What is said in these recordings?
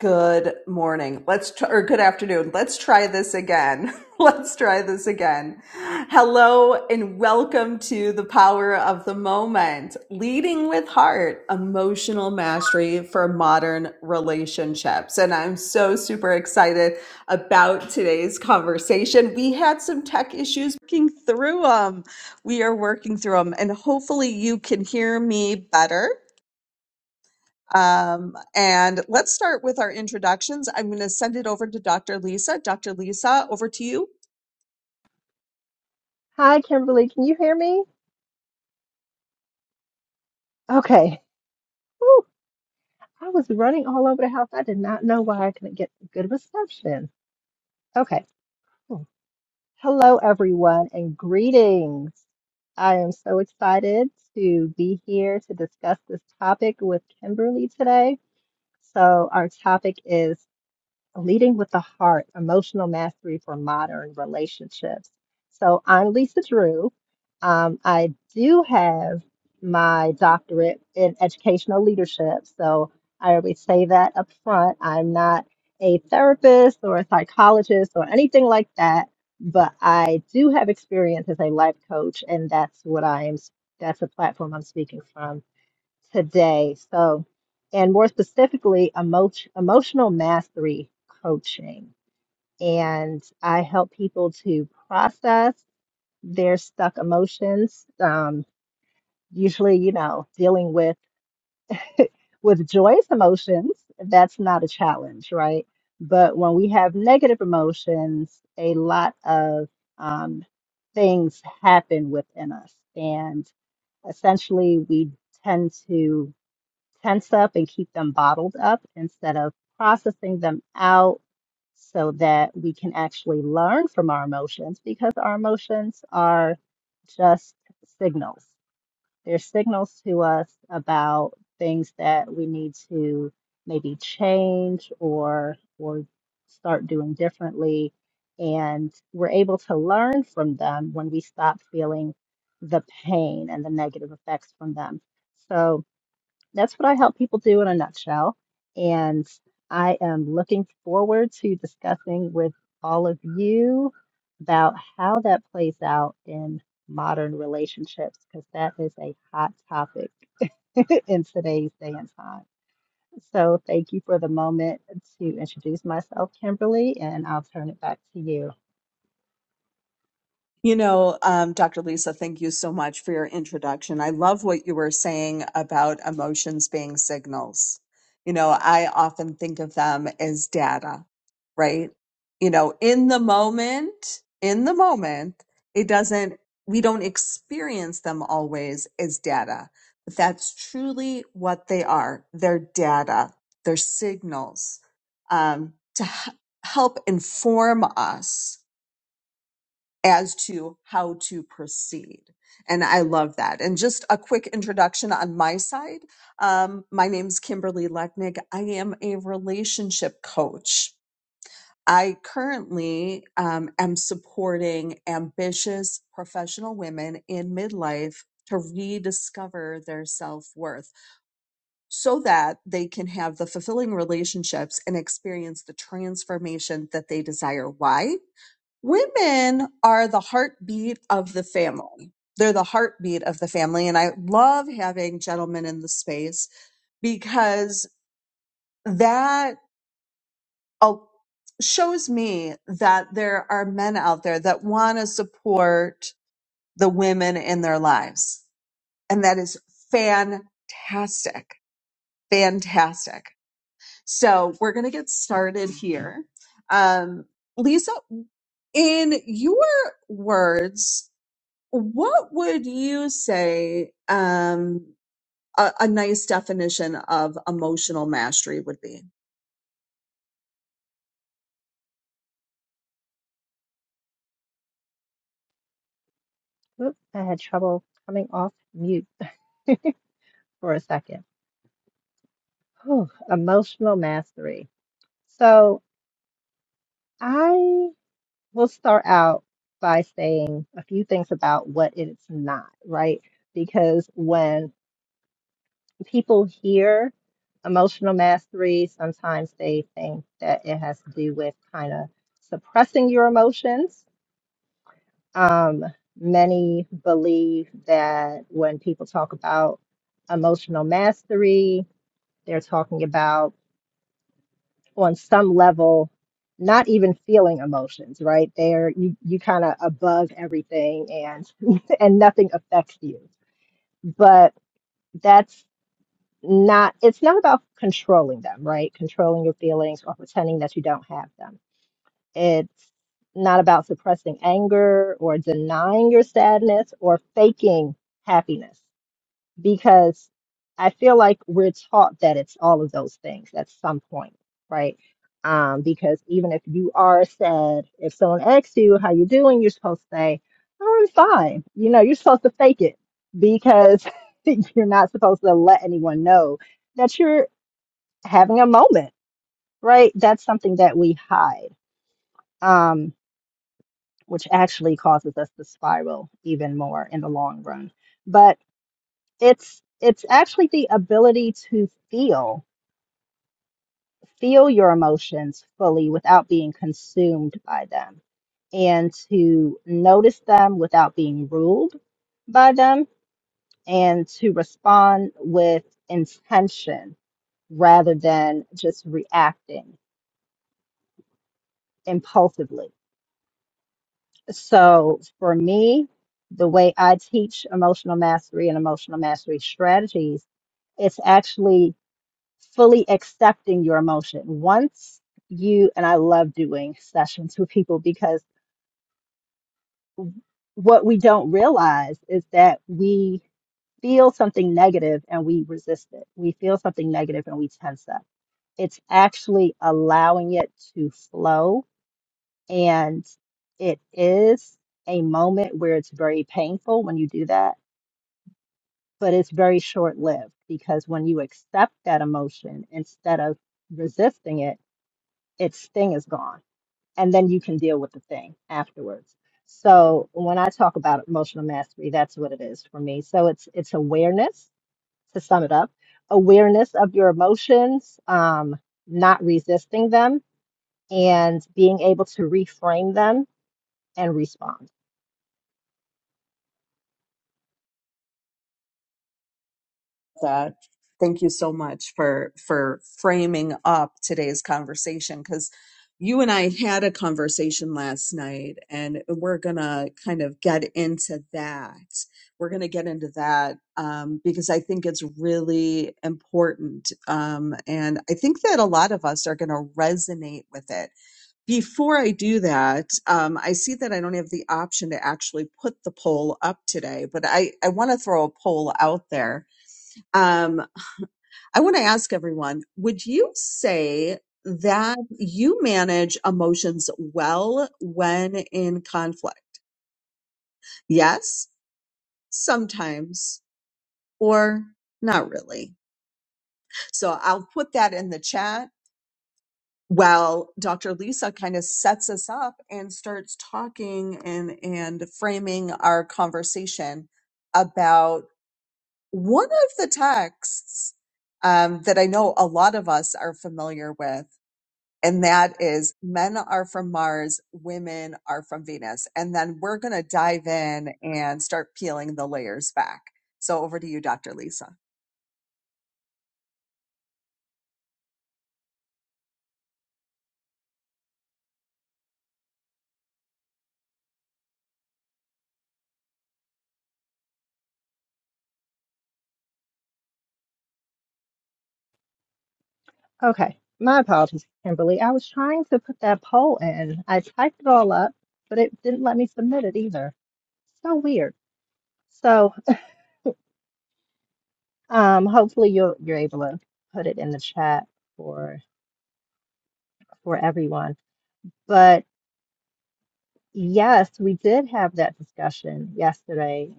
Good morning. Let's try, or good afternoon. Let's try this again. Let's try this again. Hello and welcome to the power of the moment, leading with heart, emotional mastery for modern relationships. And I'm so super excited about today's conversation. We had some tech issues working through them. We are working through them and hopefully you can hear me better. Um, and let's start with our introductions. I'm going to send it over to Dr. Lisa. Dr. Lisa, over to you. Hi, Kimberly. Can you hear me? Okay. Whew. I was running all over the house. I did not know why I couldn't get good reception. Okay. Hmm. Hello, everyone, and greetings. I am so excited to be here to discuss this topic with Kimberly today. So, our topic is Leading with the Heart Emotional Mastery for Modern Relationships. So, I'm Lisa Drew. Um, I do have my doctorate in educational leadership. So, I always say that up front. I'm not a therapist or a psychologist or anything like that, but I do have experience as a life coach, and that's what I'm, that's the platform I'm speaking from today. So, and more specifically, emo- emotional mastery coaching. And I help people to process their stuck emotions. Um, usually, you know, dealing with with joyous emotions, that's not a challenge, right? But when we have negative emotions, a lot of um, things happen within us, and essentially, we tend to tense up and keep them bottled up instead of processing them out so that we can actually learn from our emotions because our emotions are just signals. They're signals to us about things that we need to maybe change or or start doing differently and we're able to learn from them when we stop feeling the pain and the negative effects from them. So, that's what I help people do in a nutshell. And I am looking forward to discussing with all of you about how that plays out in modern relationships, because that is a hot topic in today's day and time. So thank you for the moment to introduce myself, Kimberly, and I'll turn it back to you. You know, um, Dr. Lisa, thank you so much for your introduction. I love what you were saying about emotions being signals. You know, I often think of them as data, right? You know, in the moment, in the moment, it doesn't, we don't experience them always as data, but that's truly what they are. They're data, they're signals um, to h- help inform us as to how to proceed. And I love that. And just a quick introduction on my side. Um, my name's Kimberly Lechnick. I am a relationship coach. I currently um, am supporting ambitious professional women in midlife to rediscover their self worth so that they can have the fulfilling relationships and experience the transformation that they desire. Why? Women are the heartbeat of the family. They're the heartbeat of the family. And I love having gentlemen in the space because that uh, shows me that there are men out there that want to support the women in their lives. And that is fantastic. Fantastic. So we're going to get started here. Um, Lisa, in your words, What would you say um, a, a nice definition of emotional mastery would be? Oop, I had trouble coming off mute for a second. Whew, emotional mastery. So I We'll start out by saying a few things about what it's not, right? Because when people hear emotional mastery, sometimes they think that it has to do with kind of suppressing your emotions. Um, many believe that when people talk about emotional mastery, they're talking about on some level not even feeling emotions right there you you kind of above everything and and nothing affects you but that's not it's not about controlling them right controlling your feelings or pretending that you don't have them it's not about suppressing anger or denying your sadness or faking happiness because I feel like we're taught that it's all of those things at some point, right? Um, because even if you are sad, if someone asks you how you doing, you're supposed to say, "Oh, "I'm fine." You know, you're supposed to fake it because you're not supposed to let anyone know that you're having a moment, right? That's something that we hide, um, which actually causes us to spiral even more in the long run. But It's it's actually the ability to feel feel your emotions fully without being consumed by them and to notice them without being ruled by them and to respond with intention rather than just reacting impulsively. So for me, the way I teach emotional mastery and emotional mastery strategies, it's actually fully accepting your emotion. Once you, and I love doing sessions with people because what we don't realize is that we feel something negative and we resist it. We feel something negative and we tense up. It's actually allowing it to flow. And it is a moment where it's very painful when you do that, but it's very short lived because when you accept that emotion instead of resisting it, its thing is gone and then you can deal with the thing afterwards so when i talk about emotional mastery that's what it is for me so it's it's awareness to sum it up awareness of your emotions um, not resisting them and being able to reframe them and respond That thank you so much for for framing up today's conversation because you and I had a conversation last night, and we're gonna kind of get into that. We're gonna get into that um, because I think it's really important, um, and I think that a lot of us are gonna resonate with it Before I do that, um, I see that I don't have the option to actually put the poll up today, but I, I want to throw a poll out there. Um, I want to ask everyone would you say that you manage emotions well when in conflict? Yes, sometimes, or not really. So I'll put that in the chat well dr lisa kind of sets us up and starts talking and and framing our conversation about one of the texts um, that i know a lot of us are familiar with and that is men are from mars women are from venus and then we're going to dive in and start peeling the layers back so over to you dr lisa Okay, my apologies, Kimberly. I was trying to put that poll in. I typed it all up, but it didn't let me submit it either. So weird. So, um, hopefully you'll you're able to put it in the chat for for everyone. But yes, we did have that discussion yesterday,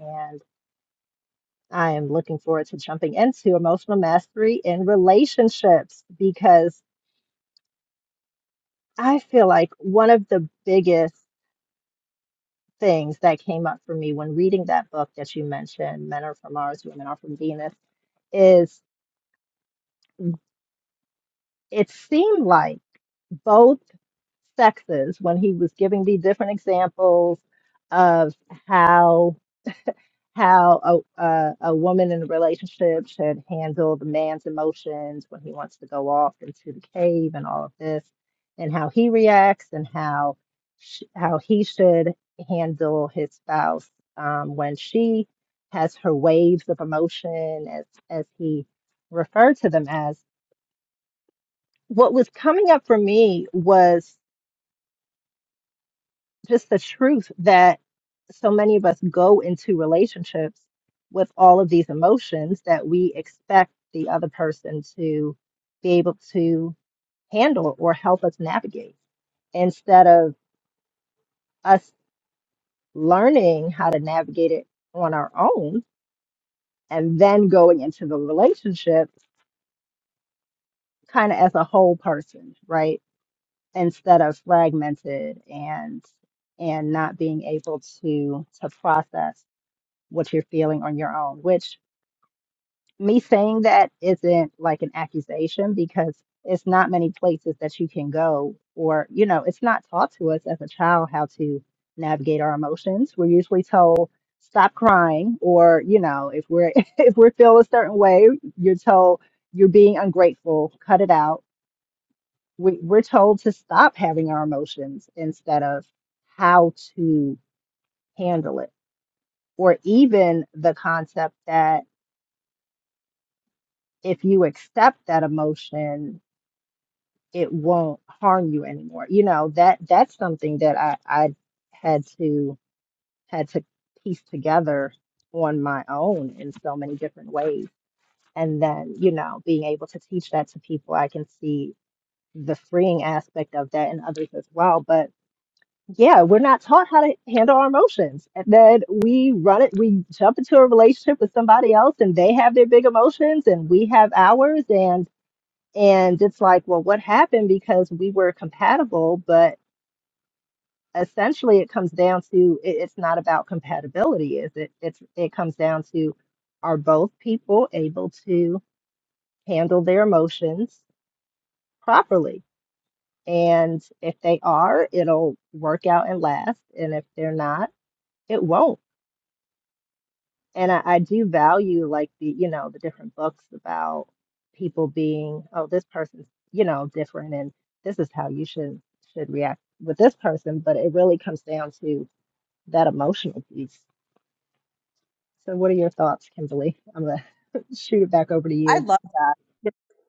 I am looking forward to jumping into emotional mastery in relationships because I feel like one of the biggest things that came up for me when reading that book that you mentioned, Men Are From Mars, Women Are From Venus, is it seemed like both sexes, when he was giving me different examples of how. how a, a, a woman in a relationship should handle the man's emotions when he wants to go off into the cave and all of this, and how he reacts, and how sh how he should handle his spouse um, when she has her waves of emotion, as as he referred to them as. What was coming up for me was just the truth that so many of us go into relationships with all of these emotions that we expect the other person to be able to handle or help us navigate instead of us learning how to navigate it on our own and then going into the relationship kind of as a whole person right instead of fragmented and and not being able to to process what you're feeling on your own which me saying that isn't like an accusation because it's not many places that you can go or you know it's not taught to us as a child how to navigate our emotions we're usually told stop crying or you know if we're if we feel a certain way you're told you're being ungrateful cut it out we, we're told to stop having our emotions instead of how to handle it or even the concept that if you accept that emotion it won't harm you anymore. You know, that that's something that I I had to had to piece together on my own in so many different ways. And then, you know, being able to teach that to people, I can see the freeing aspect of that in others as well. But yeah, we're not taught how to handle our emotions. And then we run it, we jump into a relationship with somebody else and they have their big emotions and we have ours. And it's like, well, what happened? Because we were compatible, but essentially it comes down to it, it's not about compatibility, is it? It's it comes down to are both people able to handle their emotions properly? And if they are, it'll work out and last. And if they're not, it won't. and I, I do value like the you know the different books about people being oh this person's you know different and this is how you should should react with this person but it really comes down to that emotional piece so what are your thoughts kimberly i'm gonna shoot it back over to I you love that.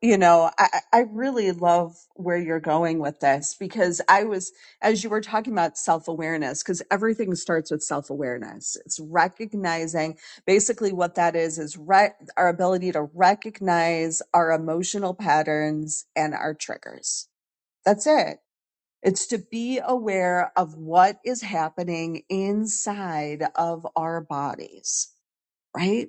You know, I, I I really love where you're going with this because I was, as you were talking about self awareness, because everything starts with self awareness. It's recognizing basically what that is, is re- our ability to recognize our emotional patterns and our triggers. That's it. It's to be aware of what is happening inside of our bodies, right?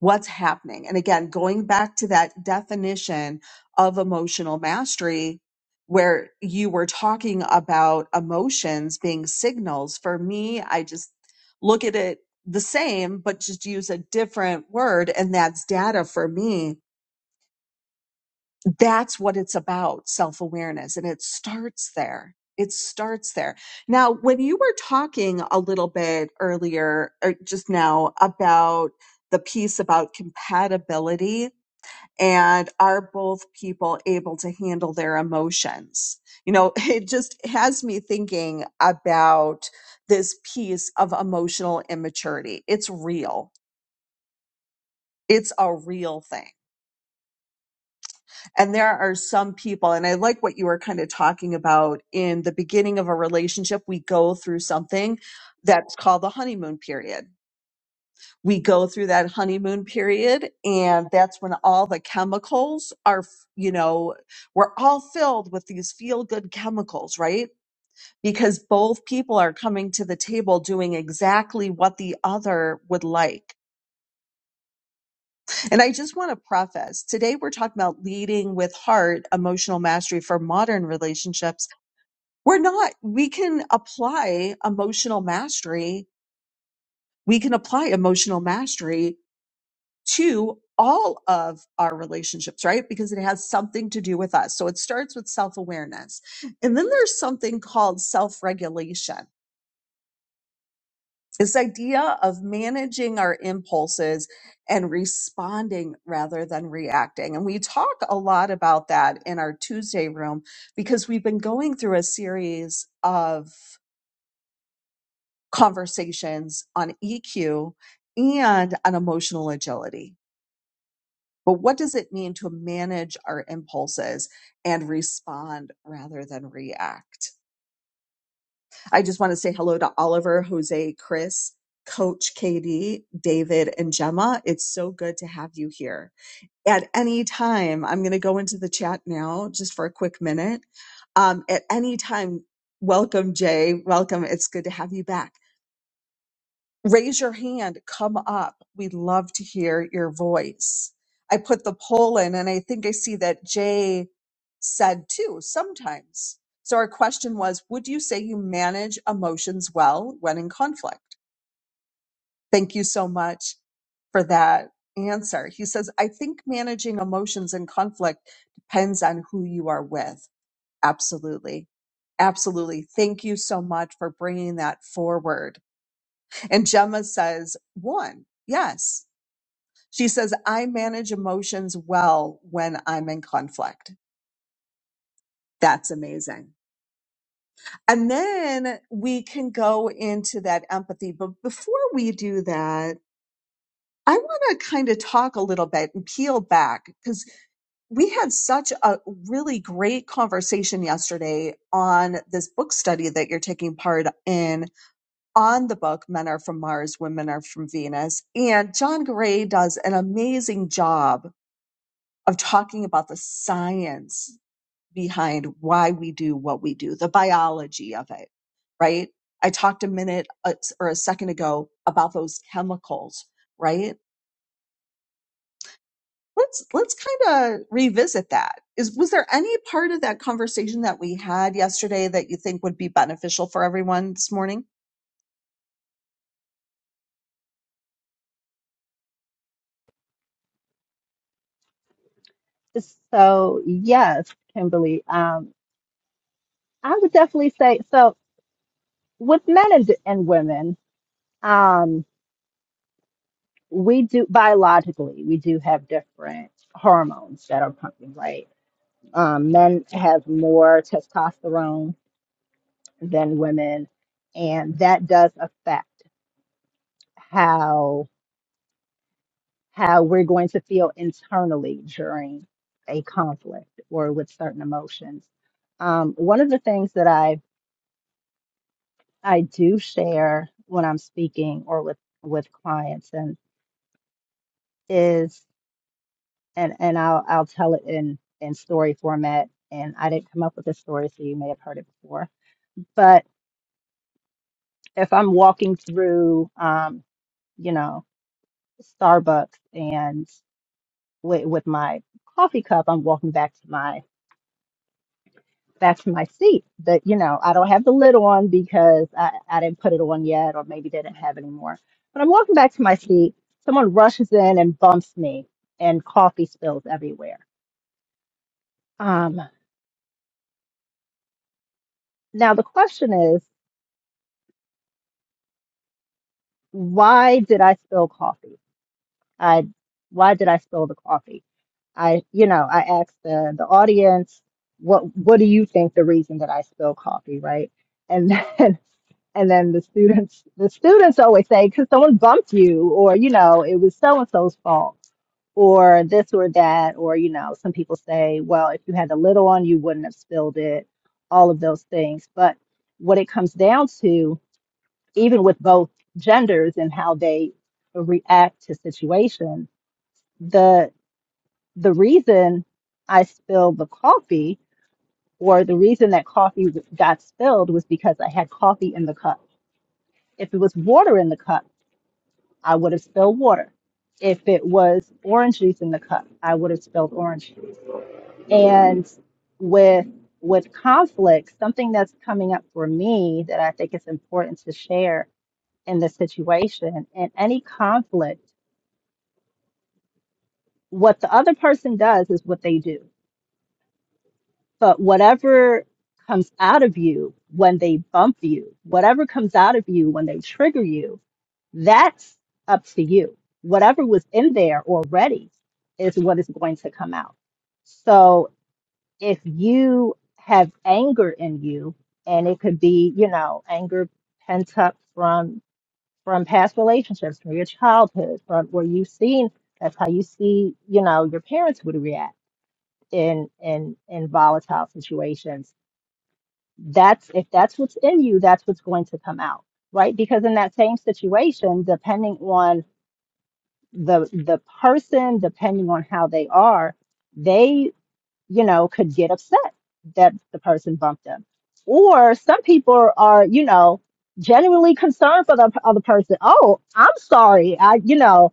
what's happening. And again, going back to that definition of emotional mastery, where you were talking about emotions being signals, for me, I just look at it the same, but just use a different word. And that's data for me that's what it's about self awareness. And it starts there. It starts there. Now, when you were talking a little bit earlier, or just now, about the piece about compatibility and are both people able to handle their emotions? You know, it just has me thinking about this piece of emotional immaturity. It's real, it's a real thing And there are some people, and I like what you were kind of talking about in the beginning of a relationship, we go through something that's called the honeymoon period. We go through that honeymoon period, and that's when all the chemicals are, you know, we're all filled with these feel good chemicals, right? Because both people are coming to the table doing exactly what the other would like And I just want to preface today we're talking about leading with heart, emotional mastery for modern relationships. We're not, we can apply emotional mastery. We can apply emotional mastery to all of our relationships, right? Because it has something to do with us. So it starts with self awareness. And then there's something called self regulation. This idea of managing our impulses and responding rather than reacting. And we talk a lot about that in our Tuesday room because we've been going through a series of conversations on EQ and on emotional agility. But what does it mean to manage our impulses and respond rather than react? I just want to say hello to Oliver, Jose, Chris, Coach KD, David, and Gemma. It's so good to have you here. At any time, I'm going to go into the chat now just for a quick minute. Um, at any time, welcome, Jay. Welcome. It's good to have you back raise your hand, come up. We'd love to hear your voice. I put the poll in, and I think I see that Jay said too sometimes. So our question was Would you say you manage emotions well when in conflict? Thank you so much for that answer. He says, I think managing emotions in conflict depends on who you are with. Absolutely. Absolutely. Thank you so much for bringing that forward and Gemma says, one, yes. She says, I manage emotions well when I'm in conflict. That's amazing. And then we can go into that empathy. But before we do that, I want to kind of talk a little bit and peel back because we had such a really great conversation yesterday on this book study that you're taking part in on the book Men Are From Mars, Women Are From Venus. And John Gray does an amazing job of talking about the science behind why we do what we do, the biology of it, right? I talked a minute uh, or a second ago about those chemicals, right? Let's let's kind of revisit that. Is was there any part of that conversation that we had yesterday that you think would be beneficial for everyone this morning? so yes kimberly um i would definitely say so with men and, and women um we do biologically we do have different hormones that are pumping right Um, men have more testosterone than women, and that does affect how how we're going to feel internally during a conflict or with certain emotions. Um, one of the things that I I do share when I'm speaking or with with clients and is and and I'll I'll tell it in in story format. And I didn't come up with this story, so you may have heard it before. But if I'm walking through um, you know, Starbucks and with, with my coffee cup, I'm walking back to my back to my seat. That you know, I don't have the lid on because I, I didn't put it on yet, or maybe didn't have any more. But I'm walking back to my seat. Someone rushes in and bumps me, and coffee spills everywhere. Um, now the question is, why did I spill coffee? I why did I spill the coffee? I, you know, I asked the the audience, what what do you think the reason that I spill coffee, right? And then and then the students the students always say because someone bumped you, or you know, it was so and so's fault, or this or that, or you know, some people say, well, if you had the lid on, you wouldn't have spilled it, all of those things. But what it comes down to, even with both genders and how they react to situations the the reason I spilled the coffee or the reason that coffee w- got spilled was because I had coffee in the cup. If it was water in the cup, I would have spilled water. If it was orange juice in the cup, I would have spilled orange. juice. And with with conflict, something that's coming up for me that I think is important to share in this situation, in any conflict, what the other person does is what they do But whatever comes out of you when they bump you, whatever comes out of you when they trigger you, that's up to you. Whatever was in there already is what is going to come out. So if you have anger in you, and it could be, you know, anger pent up from from past relationships, from your childhood, from where you've seen that's how you see, you know, your parents would react in in in volatile situations that's if that's what's in you, that's what's going to come out, right? Because in that same situation, depending on the the person, depending on how they are, they, you know, could get upset that the person bumped them. Or some people are, you know, genuinely concerned for the p- other person. Oh, I'm sorry. I, you know,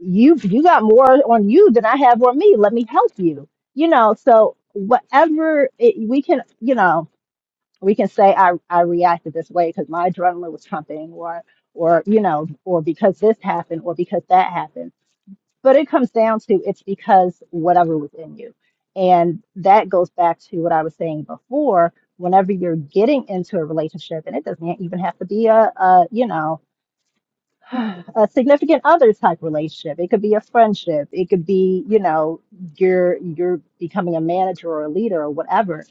you you got more on you than I have on me. Let me help you. You know, so whatever it, we can, you know, we can say I, I reacted this way because my adrenaline was pumping or or you know or because this happened or because that happened but it comes down to it's because whatever was in you and that goes back to what i was saying before whenever you're getting into a relationship and it doesn't even have to be a, a you know a significant other type relationship it could be a friendship it could be you know you're you're becoming a manager or a leader or whatever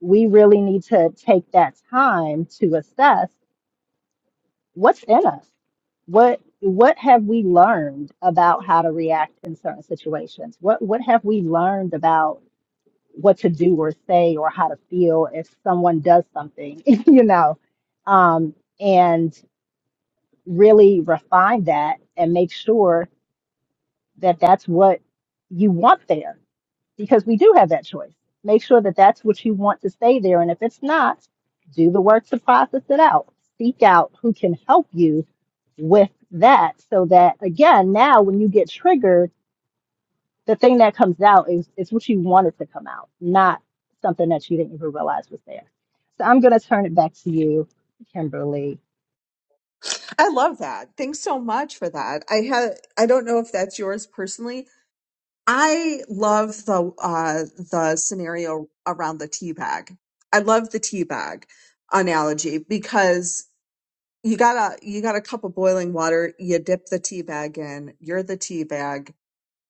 we really need to take that time to assess what's in us. What what have we learned about how to react in certain situations? What what have we learned about what to do or say or how to feel if someone does something, you know? Um, and really refine that and make sure that that's what you want there because we do have that choice. Make sure that that's what you want to stay there. And if it's not, do the work to process it out. Seek out who can help you with that so that, again, now when you get triggered, the thing that comes out is, is what you wanted to come out, not something that you didn't even realize was there. So I'm going to turn it back to you, Kimberly. I love that. Thanks so much for that. I had I don't know if that's yours personally. I love the uh the scenario around the tea bag. I love the tea bag analogy because you got a you got a cup of boiling water, you dip the tea bag in, you're the tea bag,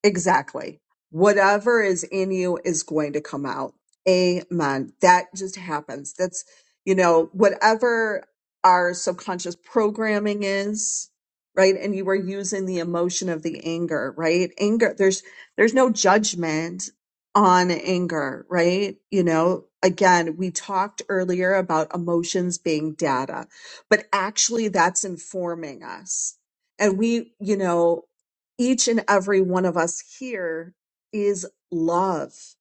Exactly. Whatever is in you is going to come out. Amen. That just happens. That's, you know, whatever our subconscious programming is, right? And you were using the emotion of the anger, right? Anger, there's, there's no judgment on anger, right? You know, again, we talked earlier about emotions being data, but actually that's informing us. And we, you know, each and every one of us here is love,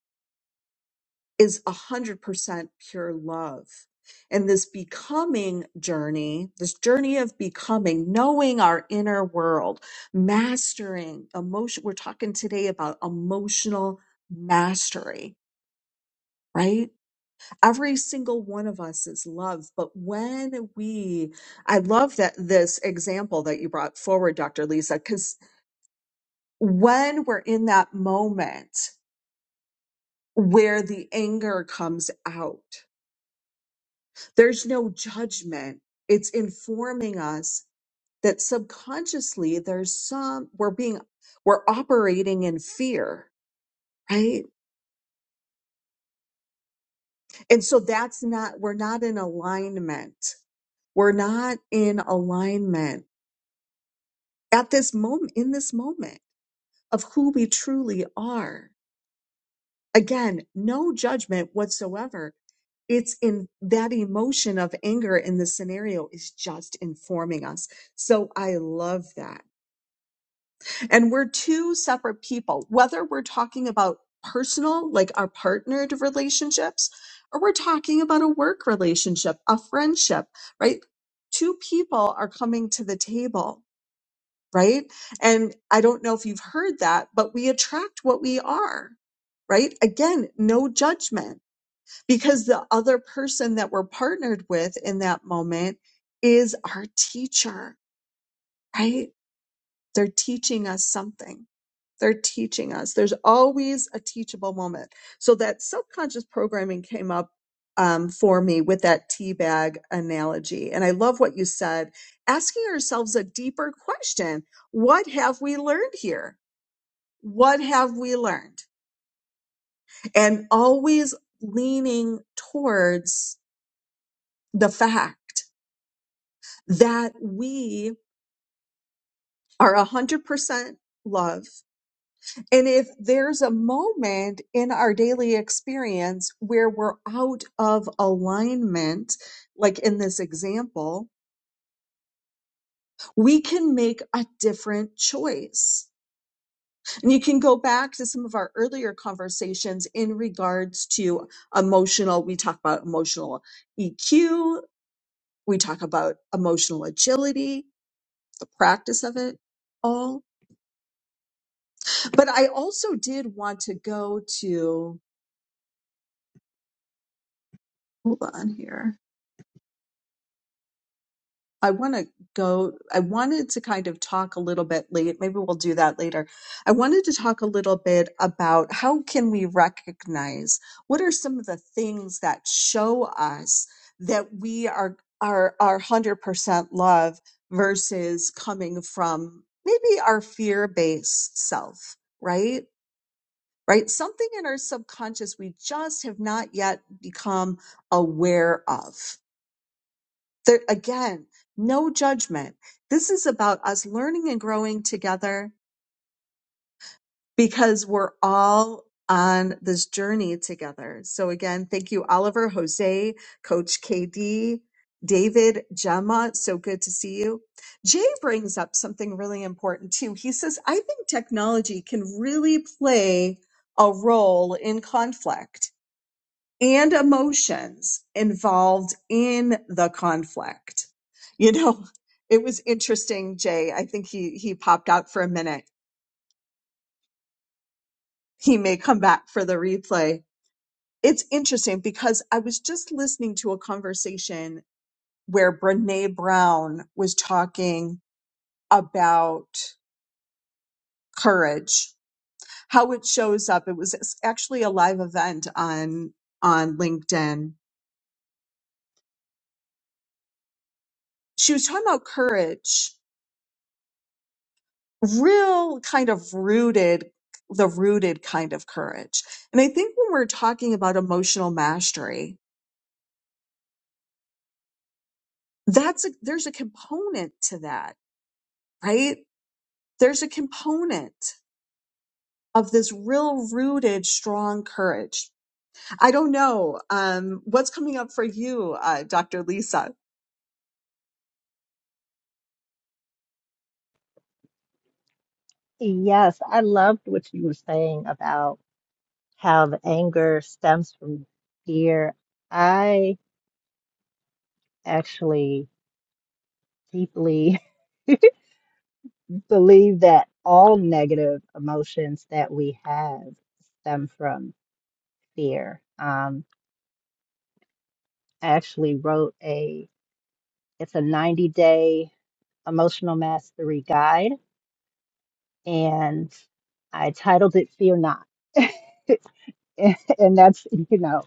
is 100% pure love. And this becoming journey, this journey of becoming, knowing our inner world, mastering emotion. We're talking today about emotional mastery, right? Every single one of us is love. But when we, I love that this example that you brought forward, Dr. Lisa, because when we're in that moment where the anger comes out. There's no judgment. It's informing us that subconsciously there's some, we're being, we're operating in fear, right? And so that's not, we're not in alignment. We're not in alignment at this moment, in this moment of who we truly are. Again, no judgment whatsoever it's in that emotion of anger in the scenario is just informing us. So I love that. And we're two separate people, whether we're talking about personal, like our partnered relationships, or we're talking about a work relationship, a friendship, right? Two people are coming to the table, right? And I don't know if you've heard that, but we attract what we are, right? Again, no judgment because the other person that we're partnered with in that moment is our teacher, right? They're teaching us something. They're teaching us. There's always a teachable moment. So that subconscious programming came up um, for me with that tea bag analogy. And I love what you said asking ourselves a deeper question What have we learned here? What have we learned? And always leaning towards the fact that we are 100% love. And if there's a moment in our daily experience where we're out of alignment, like in this example, we can make a different choice. And you can go back to some of our earlier conversations in regards to emotional. We talk about emotional EQ. We talk about emotional agility, the practice of it all But I also did want to go to, hold on here. I want to go, I wanted to kind of talk a little bit late. Maybe we'll do that later. I wanted to talk a little bit about how can we recognize what are some of the things that show us that we are are are 100% love versus coming from maybe our fear-based self, right? right? Something in our subconscious we just have not yet become aware of. There, again, no judgment. This is about us learning and growing together because we're all on this journey together. So again, thank you, Oliver, Jose, Coach KD, David, Gemma. So good to see you. Jay brings up something really important too. He says, I think technology can really play a role in conflict and emotions involved in the conflict. You know, it was interesting, Jay. I think he, he popped out for a minute. He may come back for the replay. It's interesting because I was just listening to a conversation where Brene Brown was talking about courage, how it shows up. It was actually a live event on, on LinkedIn. She was talking about courage real kind of rooted the rooted kind of courage and i think when we're talking about emotional mastery that's a, there's a component to that right there's a component of this real rooted strong courage i don't know um, what's coming up for you uh, dr lisa Yes, I loved what you were saying about how the anger stems from fear. I actually deeply believe that all negative emotions that we have stem from fear. Um, I actually wrote a it's a 90 day emotional mastery guide, and I titled it "Fear Not," and that's you know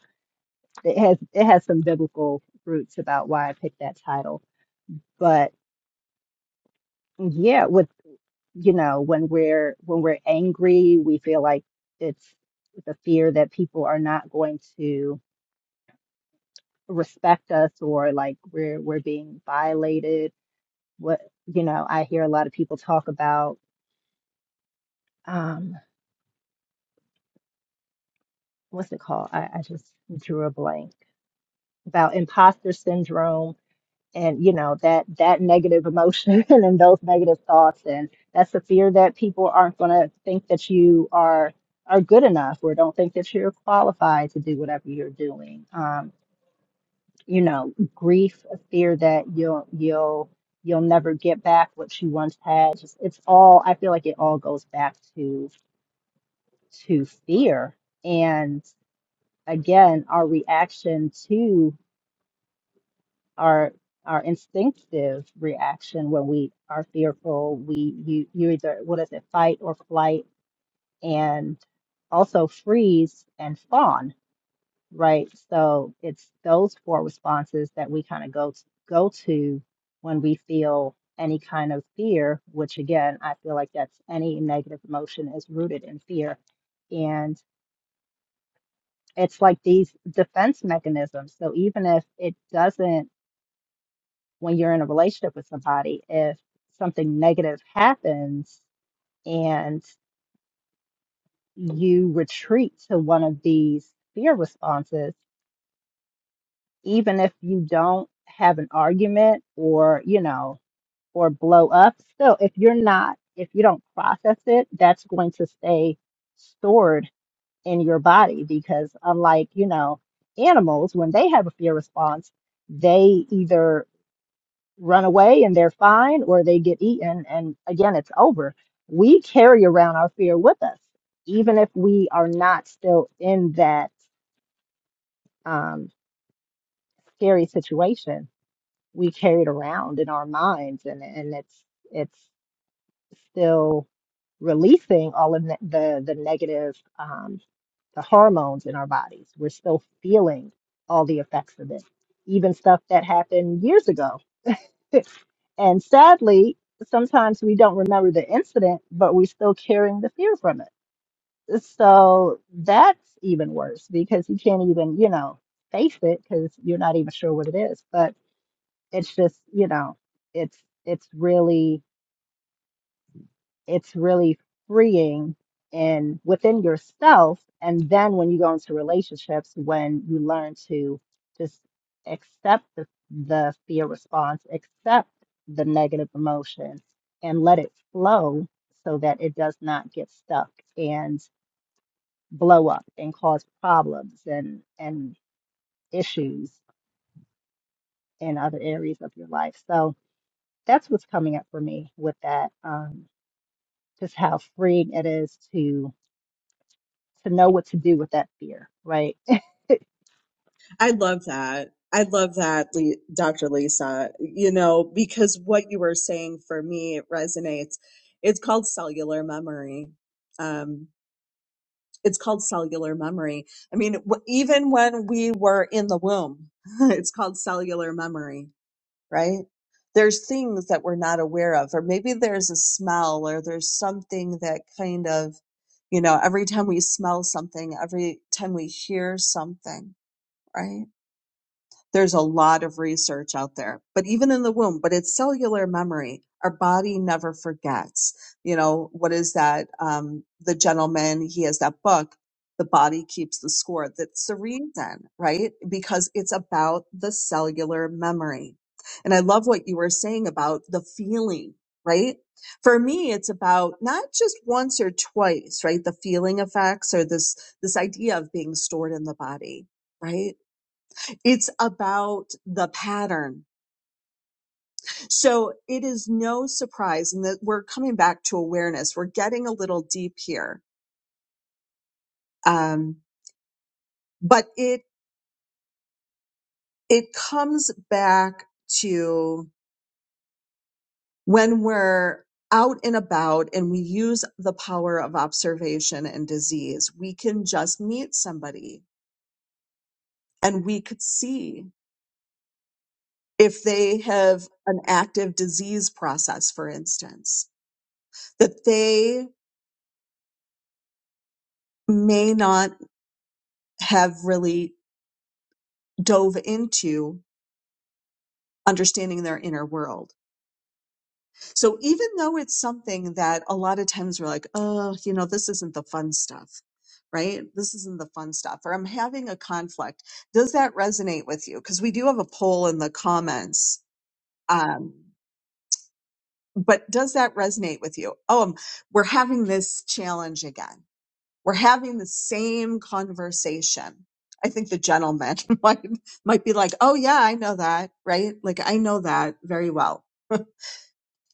it has it has some biblical roots about why I picked that title, but yeah, with you know when we're when we're angry we feel like it's the fear that people are not going to respect us or like we're we're being violated what you know i hear a lot of people talk about um what's it called i, I just drew a blank about imposter syndrome and you know that that negative emotion and those negative thoughts and that's the fear that people aren't going to think that you are are good enough or don't think that you're qualified to do whatever you're doing um you know grief a fear that you'll you'll you'll never get back what you once had just it's all i feel like it all goes back to to fear and again our reaction to our our instinctive reaction when we are fearful we you you either what is it fight or flight and also freeze and fawn right so it's those four responses that we kind of go to, go to when we feel any kind of fear which again i feel like that's any negative emotion is rooted in fear and it's like these defense mechanisms so even if it doesn't when you're in a relationship with somebody, if something negative happens and you retreat to one of these fear responses, even if you don't have an argument or, you know, or blow up, still, if you're not, if you don't process it, that's going to stay stored in your body because, unlike, you know, animals, when they have a fear response, they either run away and they're fine or they get eaten and again it's over we carry around our fear with us even if we are not still in that um, scary situation we carry it around in our minds and and it's it's still releasing all of the the, the negative um, the hormones in our bodies we're still feeling all the effects of it even stuff that happened years ago And sadly, sometimes we don't remember the incident, but we're still carrying the fear from it. So that's even worse because you can't even, you know, face it because you're not even sure what it is. But it's just, you know, it's it's really it's really freeing in within yourself and then when you go into relationships when you learn to just accept the, the fear response accept the negative emotion and let it flow so that it does not get stuck and blow up and cause problems and and issues in other areas of your life so that's what's coming up for me with that um, just how freeing it is to to know what to do with that fear, right? I love that. I love that, Le- Dr. Lisa, you know, because what you were saying for me, it resonates. It's called cellular memory. Um, it's called cellular memory. I mean, w- even when we were in the womb, it's called cellular memory, right? There's things that we're not aware of, or maybe there's a smell, or there's something that kind of, you know, every time we smell something, every time we hear something, right? There's a lot of research out there, but even in the womb, but it's cellular memory. Our body never forgets. You know, what is that? Um, the gentleman, he has that book, The Body Keeps the Score. That's the reason, right? Because it's about the cellular memory. And I love what you were saying about the feeling, right? For me, it's about not just once or twice, right? The feeling effects or this, this idea of being stored in the body, right? It's about the pattern. So it is no surprise, and that we're coming back to awareness. We're getting a little deep here, um, but it it comes back to when we're out and about and we use the power of observation and disease. We can just meet somebody and we could see if they have an active disease process, for instance, that they may not have really dove into understanding their inner world. So even though it's something that a lot of times we're like, oh, you know, this isn't the fun stuff, right? This isn't the fun stuff, or I'm having a conflict. Does that resonate with you? Because we do have a poll in the comments. Um, but does that resonate with you? Oh, um, we're having this challenge again We're having the same conversation. I think the gentleman might, might be like, Oh yeah, I know that, right? Like I know that very well.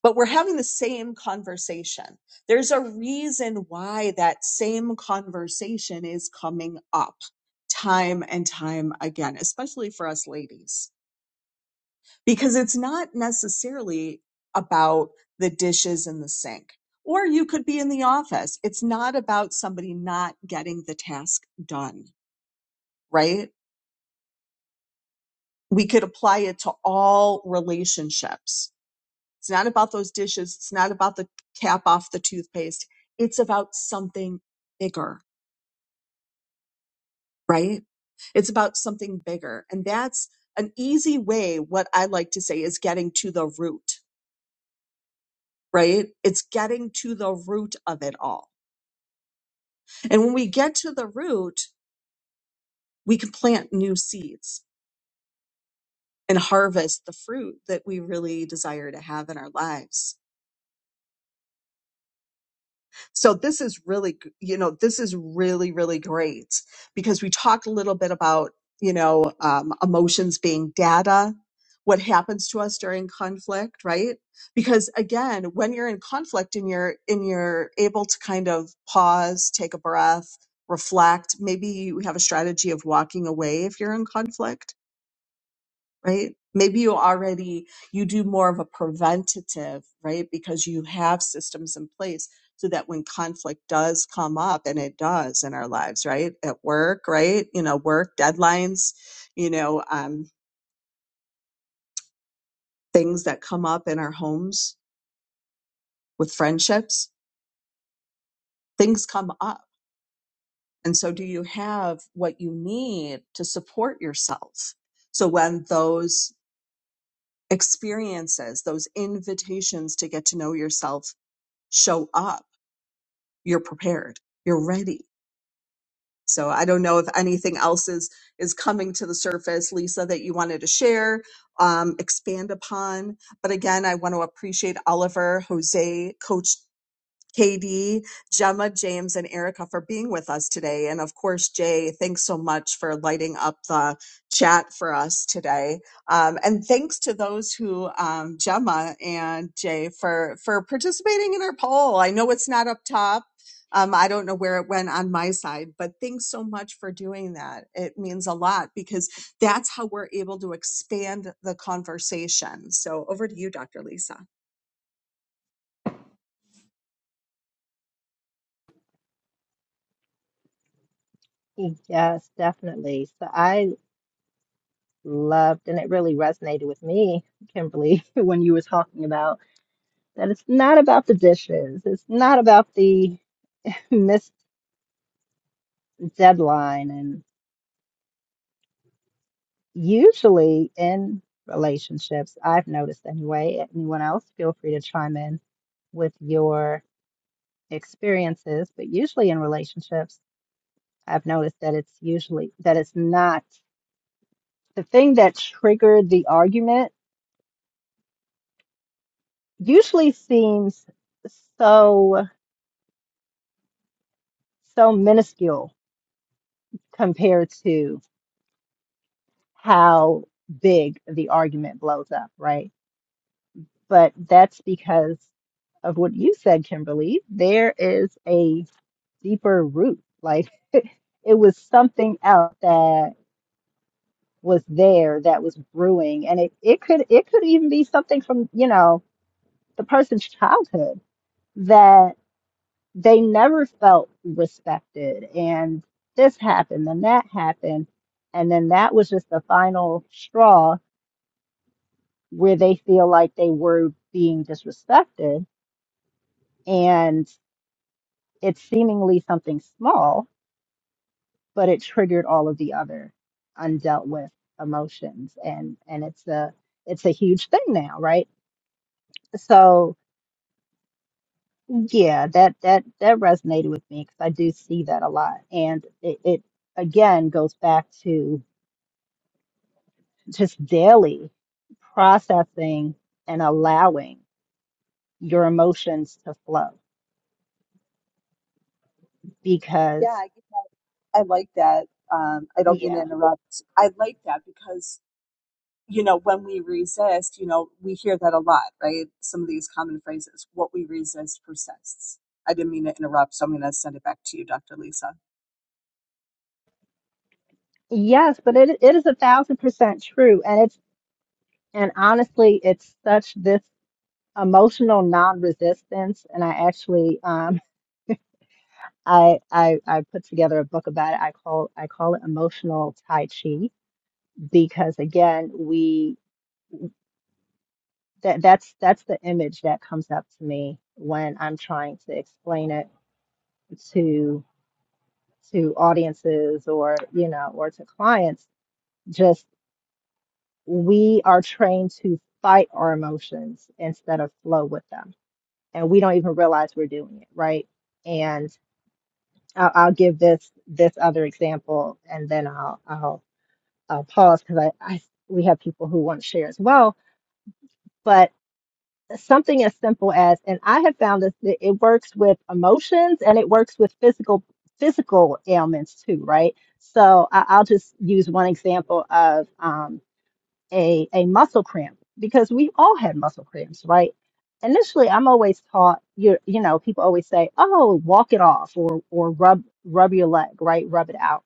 But we're having the same conversation. There's a reason why that same conversation is coming up time and time again, especially for us ladies because it's not necessarily about the dishes in the sink. Or you could be in the office. It's not about somebody not getting the task done, right? We could apply it to all relationships. It's not about those dishes. It's not about the cap off the toothpaste. It's about something bigger, right? It's about something bigger. And that's an easy way. What I like to say is getting to the root, right? It's getting to the root of it all And when we get to the root, we can plant new seeds and harvest the fruit that we really desire to have in our lives. So this is really, g- you know, this is really, really great because we talked a little bit about, you know, um, emotions being data, what happens to us during conflict, right? Because again, when you're in conflict and you're, and you're able to kind of pause, take a breath, reflect, maybe you have a strategy of walking away if you're in conflict right? Maybe you already you do more of a preventative, right? Because you have systems in place so that when conflict does come up and it does in our lives, right? At work, right? You know, work deadlines, you know, um, things that come up in our homes with friendships, things come up. And so do you have what you need to support yourself? So when those experiences, those invitations to get to know yourself show up, you're prepared you're ready so i don't know if anything else is is coming to the surface lisa that you wanted to share um, expand upon but again i want to appreciate oliver jose coach KD, Gemma, James, and Erica for being with us today. And of course, Jay, thanks so much for lighting up the chat for us today. Um, and thanks to those who, um, Gemma and Jay, for, for participating in our poll. I know it's not up top. Um, I don't know where it went on my side, but thanks so much for doing that. It means a lot because that's how we're able to expand the conversation. So over to you, Dr. Lisa. Yes, definitely. So I loved, and it really resonated with me, Kimberly, when you were talking about that it's not about the dishes, it's not about the missed deadline. And usually in relationships, I've noticed anyway, anyone else, feel free to chime in with your experiences, but usually in relationships, I've noticed that it's usually that it's not the thing that triggered the argument usually seems so so minuscule compared to how big the argument blows up, right? But that's because of what you said, Kimberly. There is a deeper root. Like it was something else that was there that was brewing. And it, it could it could even be something from, you know, the person's childhood they never felt respected and this happened and that happened and then that was just the final straw where they feel like they were being disrespected and it's seemingly something small but it triggered all of the other undealt with emotions and and it's a it's a huge thing now right so yeah that that that resonated with me because i do see that a lot and it, it again goes back to just daily processing and allowing your emotions to flow because I like that. Um, I don't mean to yeah interrupt. I like that because, you know, when we resist, you know, we hear that a lot, right? Some of these common phrases, what we resist persists. I didn't mean to interrupt, so I'm going to send it back to you, Dr. Lisa. yes but it, it is a thousand percent true and it's and honestly it's such this emotional non-resistance and i actually um I, I i put together a book about it i call i call it emotional tai chi because again we that that's that's the image that comes up to me when i'm trying to explain it to to audiences or you know or to clients just we are trained to fight our emotions instead of flow with them and we don't even realize we're doing it right and i'll, I'll give this this other example and then i'll i'll, I'll pause because I, I we have people who want to share as well but something as simple as and i have found this that it works with emotions and it works with physical physical ailments too right so I, i'll just use one example of um, a, a muscle cramp because we all had muscle cramps right initially i'm always taught you you know people always say oh walk it off or or rub rub your leg right rub it out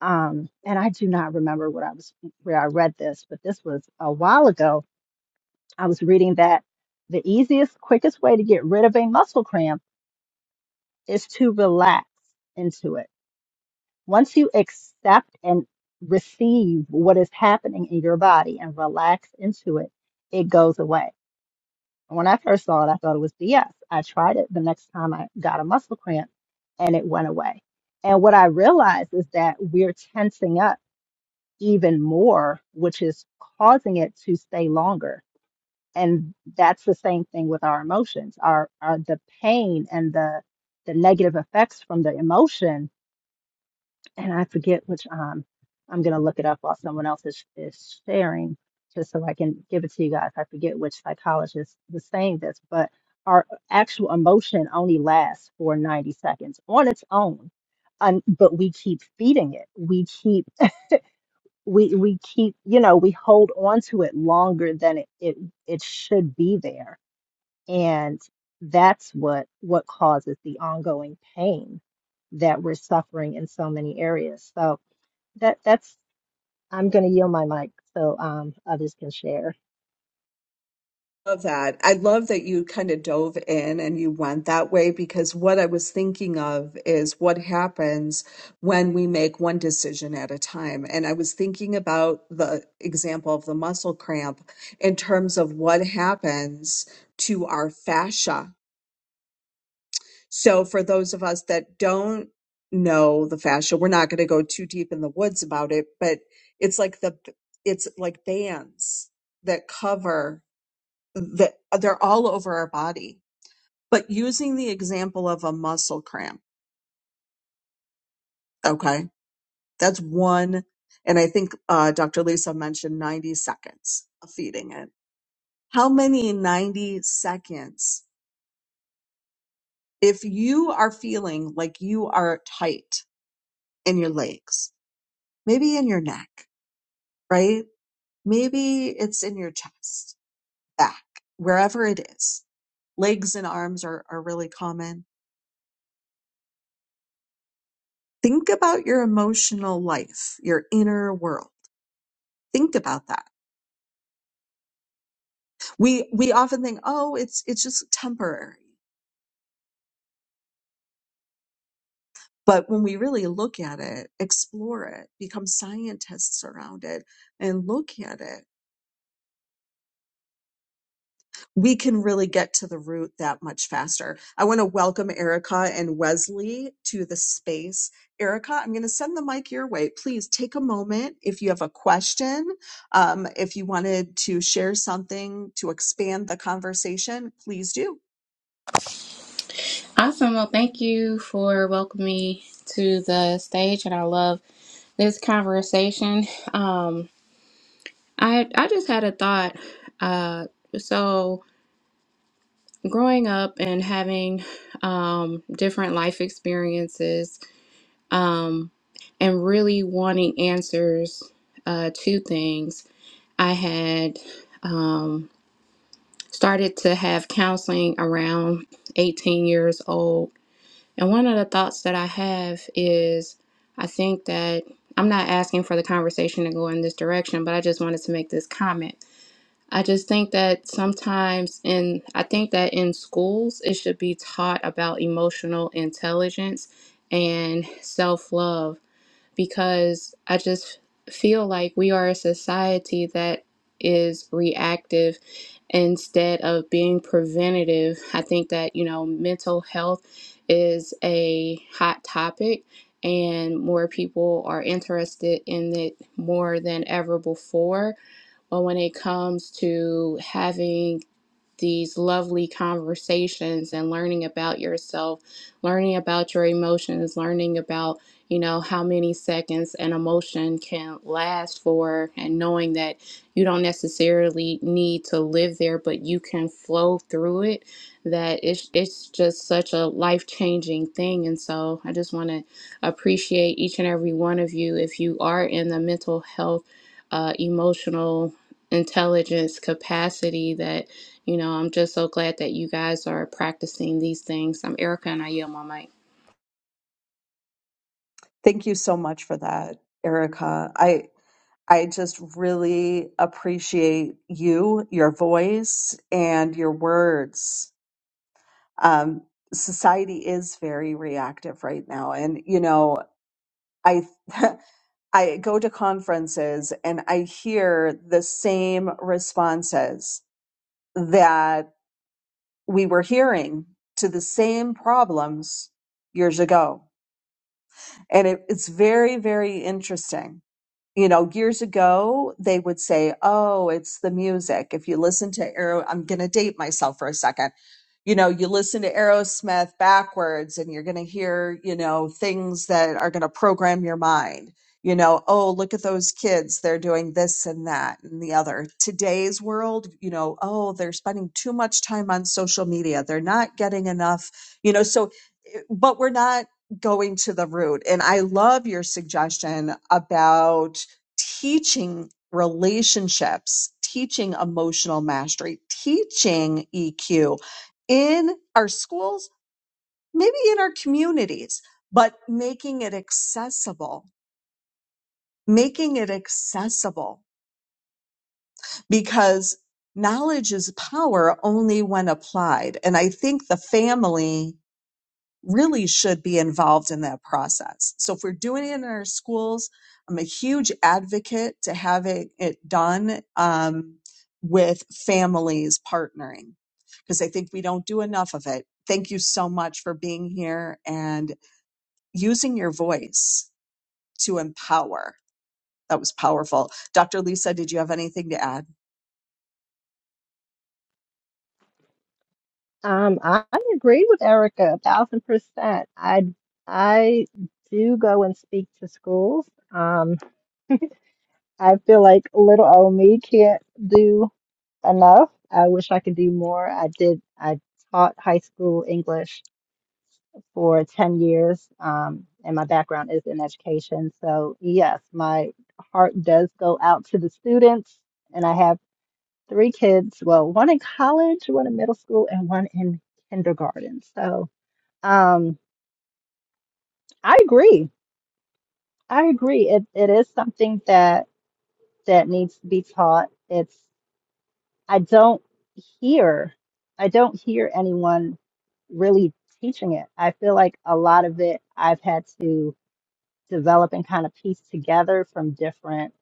um, and i do not remember what i was where i read this but this was a while ago I was reading that the easiest, quickest way to get rid of a muscle cramp is to relax into it. Once you accept and receive what is happening in your body and relax into it, it goes away. And When I first saw it, I thought it was BS. I tried it the next time I got a muscle cramp and it went away. And what I realized is that we're tensing up even more, which is causing it to stay longer and that's the same thing with our emotions our, our the pain and the the negative effects from the emotion and i forget which um i'm going to look it up while someone else is, is sharing just so i can give it to you guys i forget which psychologist was saying this but our actual emotion only lasts for 90 seconds on its own um, but we keep feeding it we keep we we keep you know we hold on to it longer than it, it it should be there and that's what what causes the ongoing pain that we're suffering in so many areas. So that that's I'm going to yield my mic so um, others can share. love that. I love that you kind of dove in and you went that way because what I was thinking of is what happens when we make one decision at a time. And I was thinking about the example of the muscle cramp in terms of what happens to our fascia. So for those of us that don't know the fascia, we're not going to go too deep in the woods about it, but it's like the it's like bands that cover that they're all over our body. But using the example of a muscle cramp, okay, that's one. And I think uh, Dr. Lisa mentioned 90 seconds of feeding it. How many 90 seconds? If you are feeling like you are tight in your legs, maybe in your neck, right? Maybe it's in your chest, back, wherever it is. Legs and arms are, are really common think about your emotional life your inner world think about that we we often think oh it's it's just temporary but when we really look at it explore it become scientists around it and look at it we can really get to the root that much faster. I want to welcome Erica and Wesley to the space. Erica, I'm going to send the mic your way. Please take a moment if you have a question, um, if you wanted to share something to expand the conversation, please do. Awesome. Well, thank you for welcoming me to the stage, and I love this conversation. Um, I I just had a thought. Uh, so growing up and having um, different life experiences, um, and really wanting answers uh, to things, I had um, started to have counseling around 18 years old And one of the thoughts that I have is I think that I'm not asking for the conversation to go in this direction, but I just wanted to make this comment. I just think that sometimes in I think that in schools it should be taught about emotional intelligence and self-love because I just feel like we are a society that is reactive instead of being preventative. I think that, you know, mental health is a hot topic and more people are interested in it more than ever before. But when it comes to having these lovely conversations and learning about yourself, learning about your emotions, learning about, you know, how many seconds an emotion can last for, and knowing that you don't necessarily need to live there, but you can flow through it. That it's, it's just such a life changing thing. And so I just want to appreciate each and every one of you if you are in the mental health, uh, emotional intelligence capacity that you know, I'm just so glad that you guys are practicing these things. I'm Erica and I yield my mic. Thank you so much for that, Erica. I I just really appreciate you, your voice, and your words. um, society is very reactive right now and you know i i go to conferences and i hear the same responses that we were hearing to the same problems years ago and it, it's very very interesting you know, years ago, they would say, oh, it's the music. If you listen to Aero, I'm going to date myself for a second. You know, you listen to Aerosmith backwards and you're going to hear, you know, things that are going to program your mind. You know, oh, look at those kids. They're doing this and that and the other. Today's world, you know, oh, they're spending too much time on social media. They're not getting enough, you know, so, eh, but we're not going to the root. And I love your suggestion about teaching relationships, teaching emotional mastery, teaching EQ in our schools, maybe in our communities, but making it accessible, making it accessible because knowledge is power only when applied. And I think the family really should be involved in that process. So if we're doing it in our schools, I'm a huge advocate to having it done um, with families partnering because I think we don't do enough of it. Thank you so much for being here and using your voice to empower. That was powerful. Dr. Lisa, did you have anything to add? Um, I I agree with Erica a thousand percent. I I do go and speak to schools. Um, I feel like little old me can't do enough. I wish I could do more. I did. I taught high school English for 10 years, um, and my background is in education. So, yes, my heart does go out to the students, and I have three kids well, one in college, one in middle school, and one in kindergarten. So, um, I agree. I agree. It, it is something that that needs to be taught. It's I don't hear I don't hear anyone really teaching it. I feel like a lot of it I've had to develop and kind of piece together from different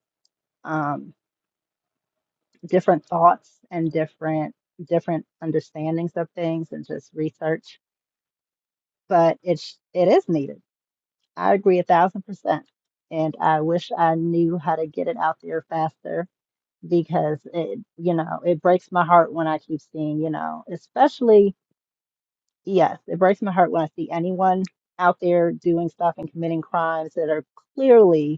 um, different thoughts and different different understandings of things and just research. But it's it is needed. I agree a thousand percent, and I wish I knew how to get it out there faster because it you know it breaks my heart when I keep seeing you know especially yes it breaks my heart when I see anyone out there doing stuff and committing crimes that are clearly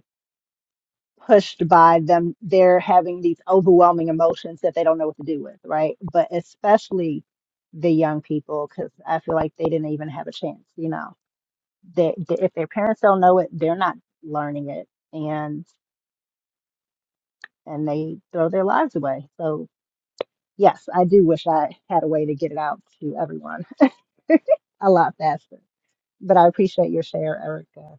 pushed by them they're having these overwhelming emotions that they don't know what to do with right but especially the young people because i feel like they didn't even have a chance you know that if their parents don't know it they're not learning it and and they throw their lives away so yes i do wish i had a way to get it out to everyone a lot faster but i appreciate your share erica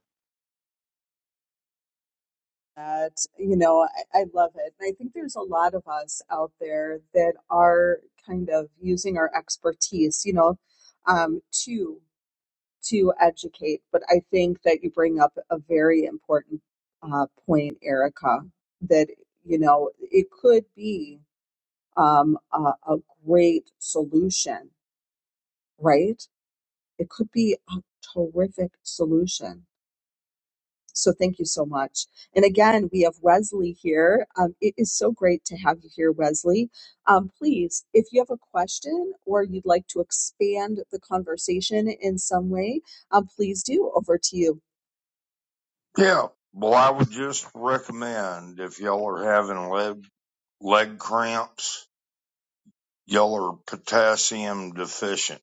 that you know I, I love it and i think there's a lot of us out there that are kind of using our expertise you know um, to to educate but i think that you bring up a very important uh, point erica that you know it could be um, a, a great solution, right? It could be a terrific solution. So thank you so much. And again, we have Wesley here. Um, it is so great to have you here, Wesley. Um, please, if you have a question or you'd like to expand the conversation in some way, um, please do. Over to you. Yeah. Well, I would just recommend if y'all are having leg, leg cramps, y'all are potassium deficient.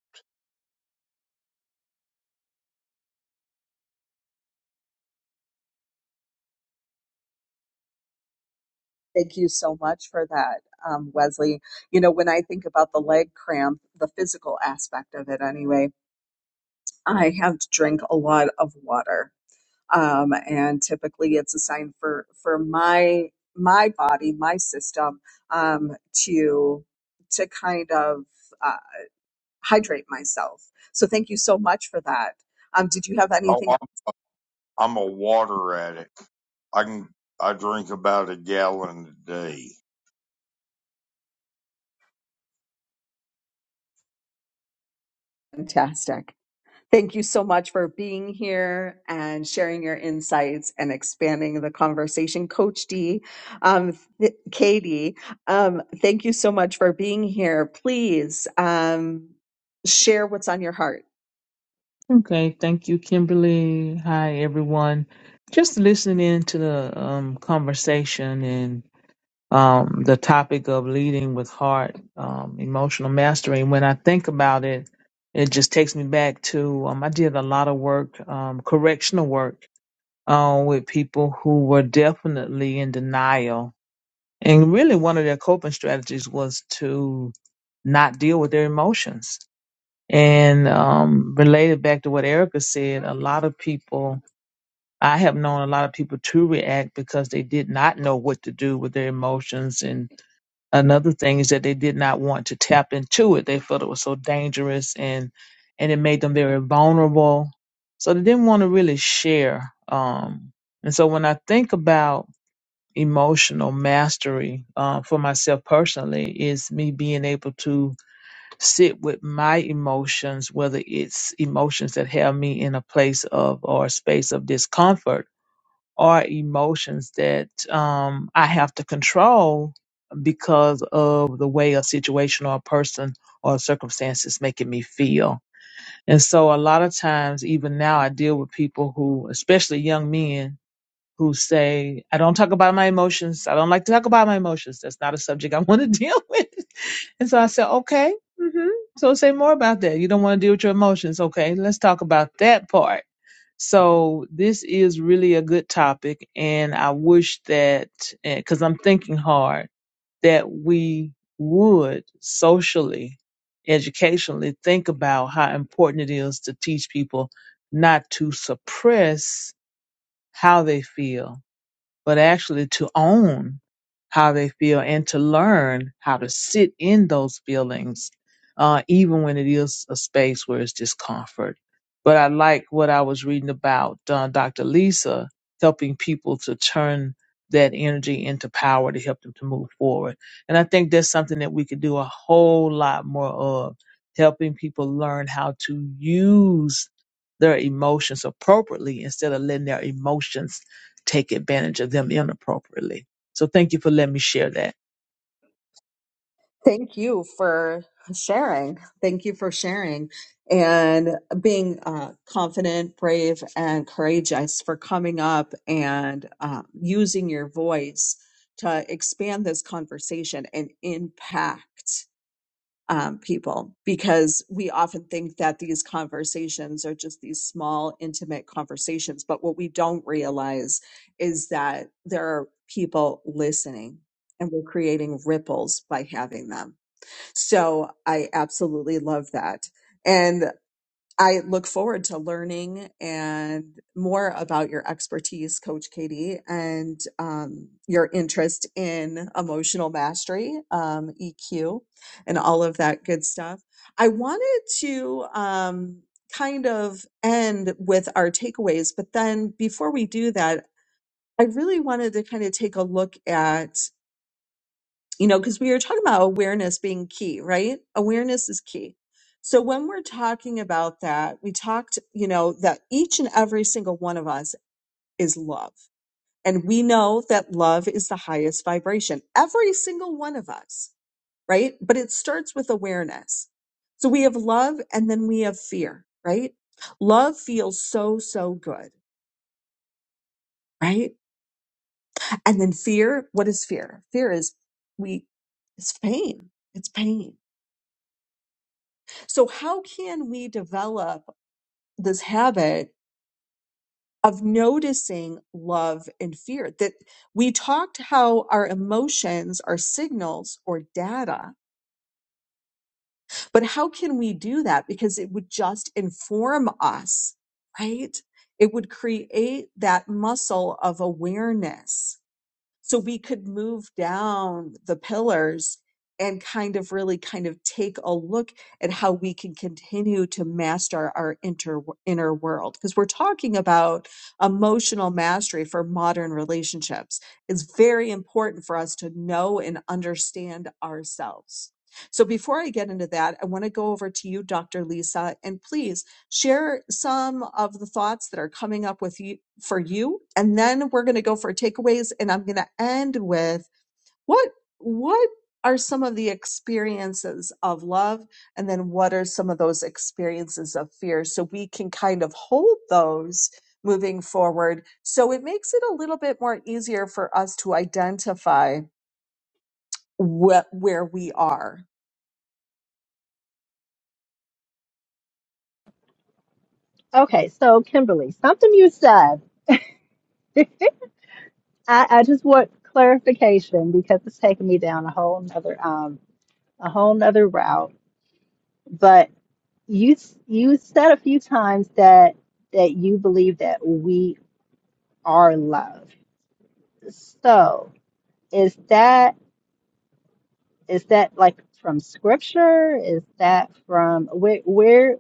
Thank you so much for that, um, Wesley. You know, when I think about the leg cramp, the physical aspect of it anyway, I have to drink a lot of water, um, and typically it's a sign for for my my body, my system, um, to to kind of uh, hydrate myself. So thank you so much for that. Um, did you have Oh, anything I'm, I'm a water addict. I can, I drink about a gallon a day. fantastic? Thank you so much for being here and sharing your insights and expanding the conversation. Coach D, um, th- Katie, um, thank you so much for being here. Please um, share what's on your heart. Okay, thank you, Kimberly. Hi, everyone. Just listening in to the um, conversation and um, the topic of leading with heart, um, emotional mastery. When I think about it, it just takes me back to um, I did a lot of work, um, correctional work, uh, with people who were definitely in denial. And really, one of their coping strategies was to not deal with their emotions and um, related back to what Erica said, a lot of people, I have known a lot of people to react because they did not know what to do with their emotions. And another thing is that they did not want to tap into it. They felt it was so dangerous and, and it made them very vulnerable. So they didn't want to really share. Um, and so when I think about emotional mastery uh, for myself personally, is me being able to sit with my emotions, whether it's emotions that have me in a place of or a space of discomfort or emotions that um, I have to control because of the way a situation or a person or a circumstance is making me feel. And so a lot of times, even now, I deal with people who, especially young men, who say, I don't talk about my emotions. I don't like to talk about my emotions. That's not a subject I want to deal with. And so I said, okay. hmm So say more about that. You don't want to deal with your emotions. Okay. Let's talk about that part. So this is really a good topic. And I wish that, because I'm thinking hard, that we would socially, educationally think about how important it is to teach people not to suppress how they feel but actually to own how they feel and to learn how to sit in those feelings, uh, even when it is a space where it's discomfort. But I like what I was reading about uh, Dr. Lisa helping people to turn that energy into power to help them to move forward. And I think that's something that we could do a whole lot more of, helping people learn how to use their emotions appropriately instead of letting their emotions take advantage of them inappropriately. So thank you for letting me share that. Thank you for sharing. Thank you for sharing and being uh, confident, brave, and courageous for coming up and uh, using your voice to expand this conversation and impact. um, people because we often think that these conversations are just these small, intimate conversations. But what we don't realize is that there are people listening and we're creating ripples by having them. So I absolutely love that. And. I look forward to learning and more about your expertise, Coach Katie, and um, your interest in emotional mastery, um, EQ, and all of that good stuff. I wanted to um, kind of end with our takeaways, but then before we do that, I really wanted to kind of take a look at you know, because we were talking about awareness being key, right? Awareness is key. So when we're talking about that, we talked, you know, that each and every single one of us is love. And we know that love is the highest vibration, every single one of us, right? But it starts with awareness. So we have love and then we have fear, right? Love feels so, so good, right? And then fear, what is fear? Fear is we, it's pain. It's pain So, how can we develop this habit of noticing love and fear? That we talked how our emotions are signals or data, but how can we do that? Because it would just inform us, right? It would create that muscle of awareness so we could move down the pillars and kind of really kind of take a look at how we can continue to master our inter, inner world because we're talking about emotional mastery for modern relationships it's very important for us to know and understand ourselves so before i get into that i want to go over to you dr lisa and please share some of the thoughts that are coming up with you for you and then we're going to go for takeaways and i'm going to end with what what are some of the experiences of love and then what are some of those experiences of fear so we can kind of hold those moving forward so it makes it a little bit more easier for us to identify what where we are okay so kimberly something you said I, I just want clarification because it's taking me down a whole nother um a whole nother route. But you s- you said a few times that that you believe that we are love. So is that is that like from scripture? Is that from where where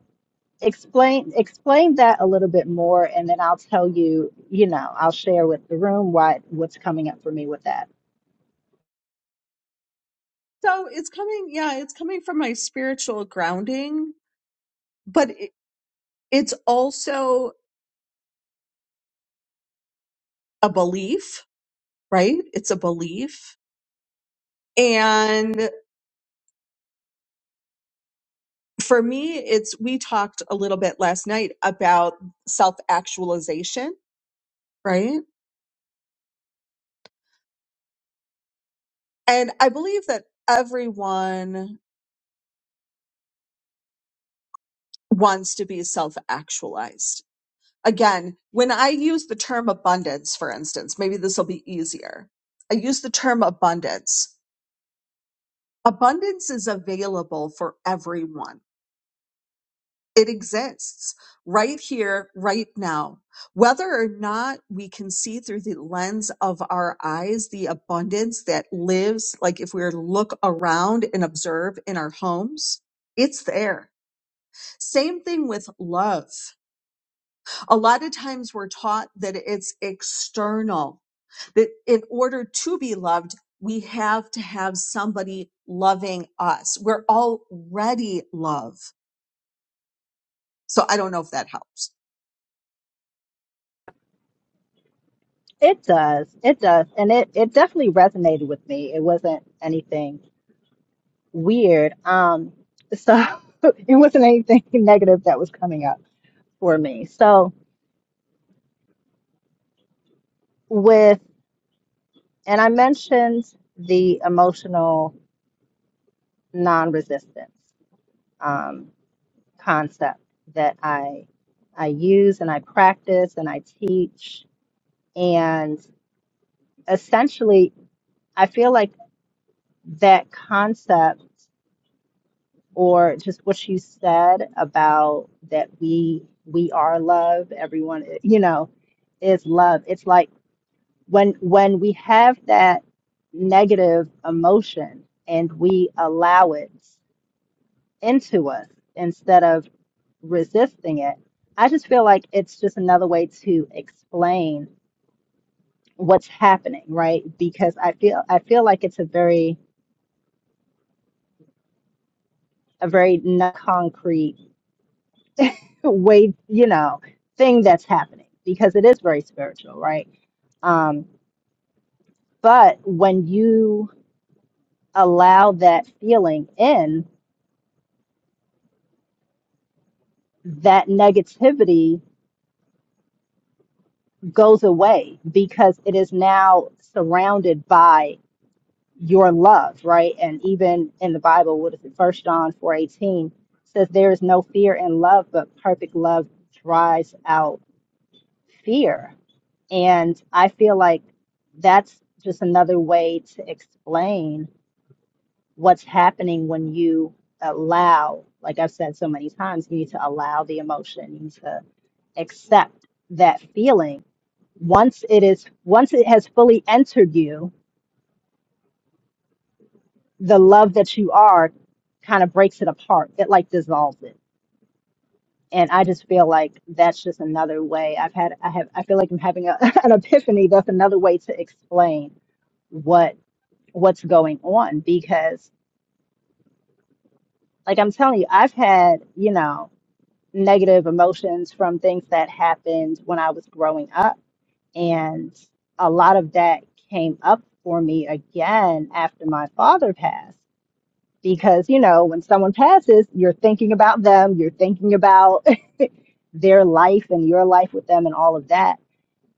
explain explain that a little bit more and then I'll tell you, you know, I'll share with the room what what's coming up for me with that. so it's coming yeah it's coming from my spiritual grounding but It's also a belief, right? It's a belief. And for me, it's, we talked a little bit last night about self actualization, right? And I believe that everyone wants to be self actualized. Again, when I use the term abundance, for instance, maybe this will be easier. I use the term abundance. Abundance is available for everyone It exists right here, right now. Whether or not we can see through the lens of our eyes the abundance that lives, like if we were to look around and observe in our homes, it's there. Same thing with love. A lot of times we're taught that it's external, that in order to be loved, we have to have somebody loving us. We're already love. So I don't know if that helps. It does. It does. And it, it definitely resonated with me. It wasn't anything weird. Um, so it wasn't anything negative that was coming up for me. So with, and I mentioned the emotional non-resistance um, concept that I I use and I practice and I teach. And essentially, I feel like that concept or just what you said about that we we are love everyone you know is love it's like when when we have that negative emotion and we allow it into us instead of resisting it i just feel like it's just another way to explain what's happening right because i feel i feel like it's a very a very non concrete way you know thing that's happening because it is very spiritual right um but when you allow that feeling in that negativity goes away because it is now surrounded by your love right and even in the bible what is it first john four eighteen says there is no fear in love but perfect love drives out fear. And I feel like that's just another way to explain what's happening when you allow, like I've said so many times, you need to allow the emotion, you need to accept that feeling. Once it is, once it has fully entered you, the love that you are kind of breaks it apart. It like dissolves it. And I just feel like that's just another way I've had, I have, I feel like I'm having a, an epiphany. That's another way to explain what what's going on because like I'm telling you, I've had, you know, negative emotions from things that happened when I was growing up and a lot of that came up for me again after my father passed because you know, when someone passes, you're thinking about them, you're thinking about their life and your life with them and all of that.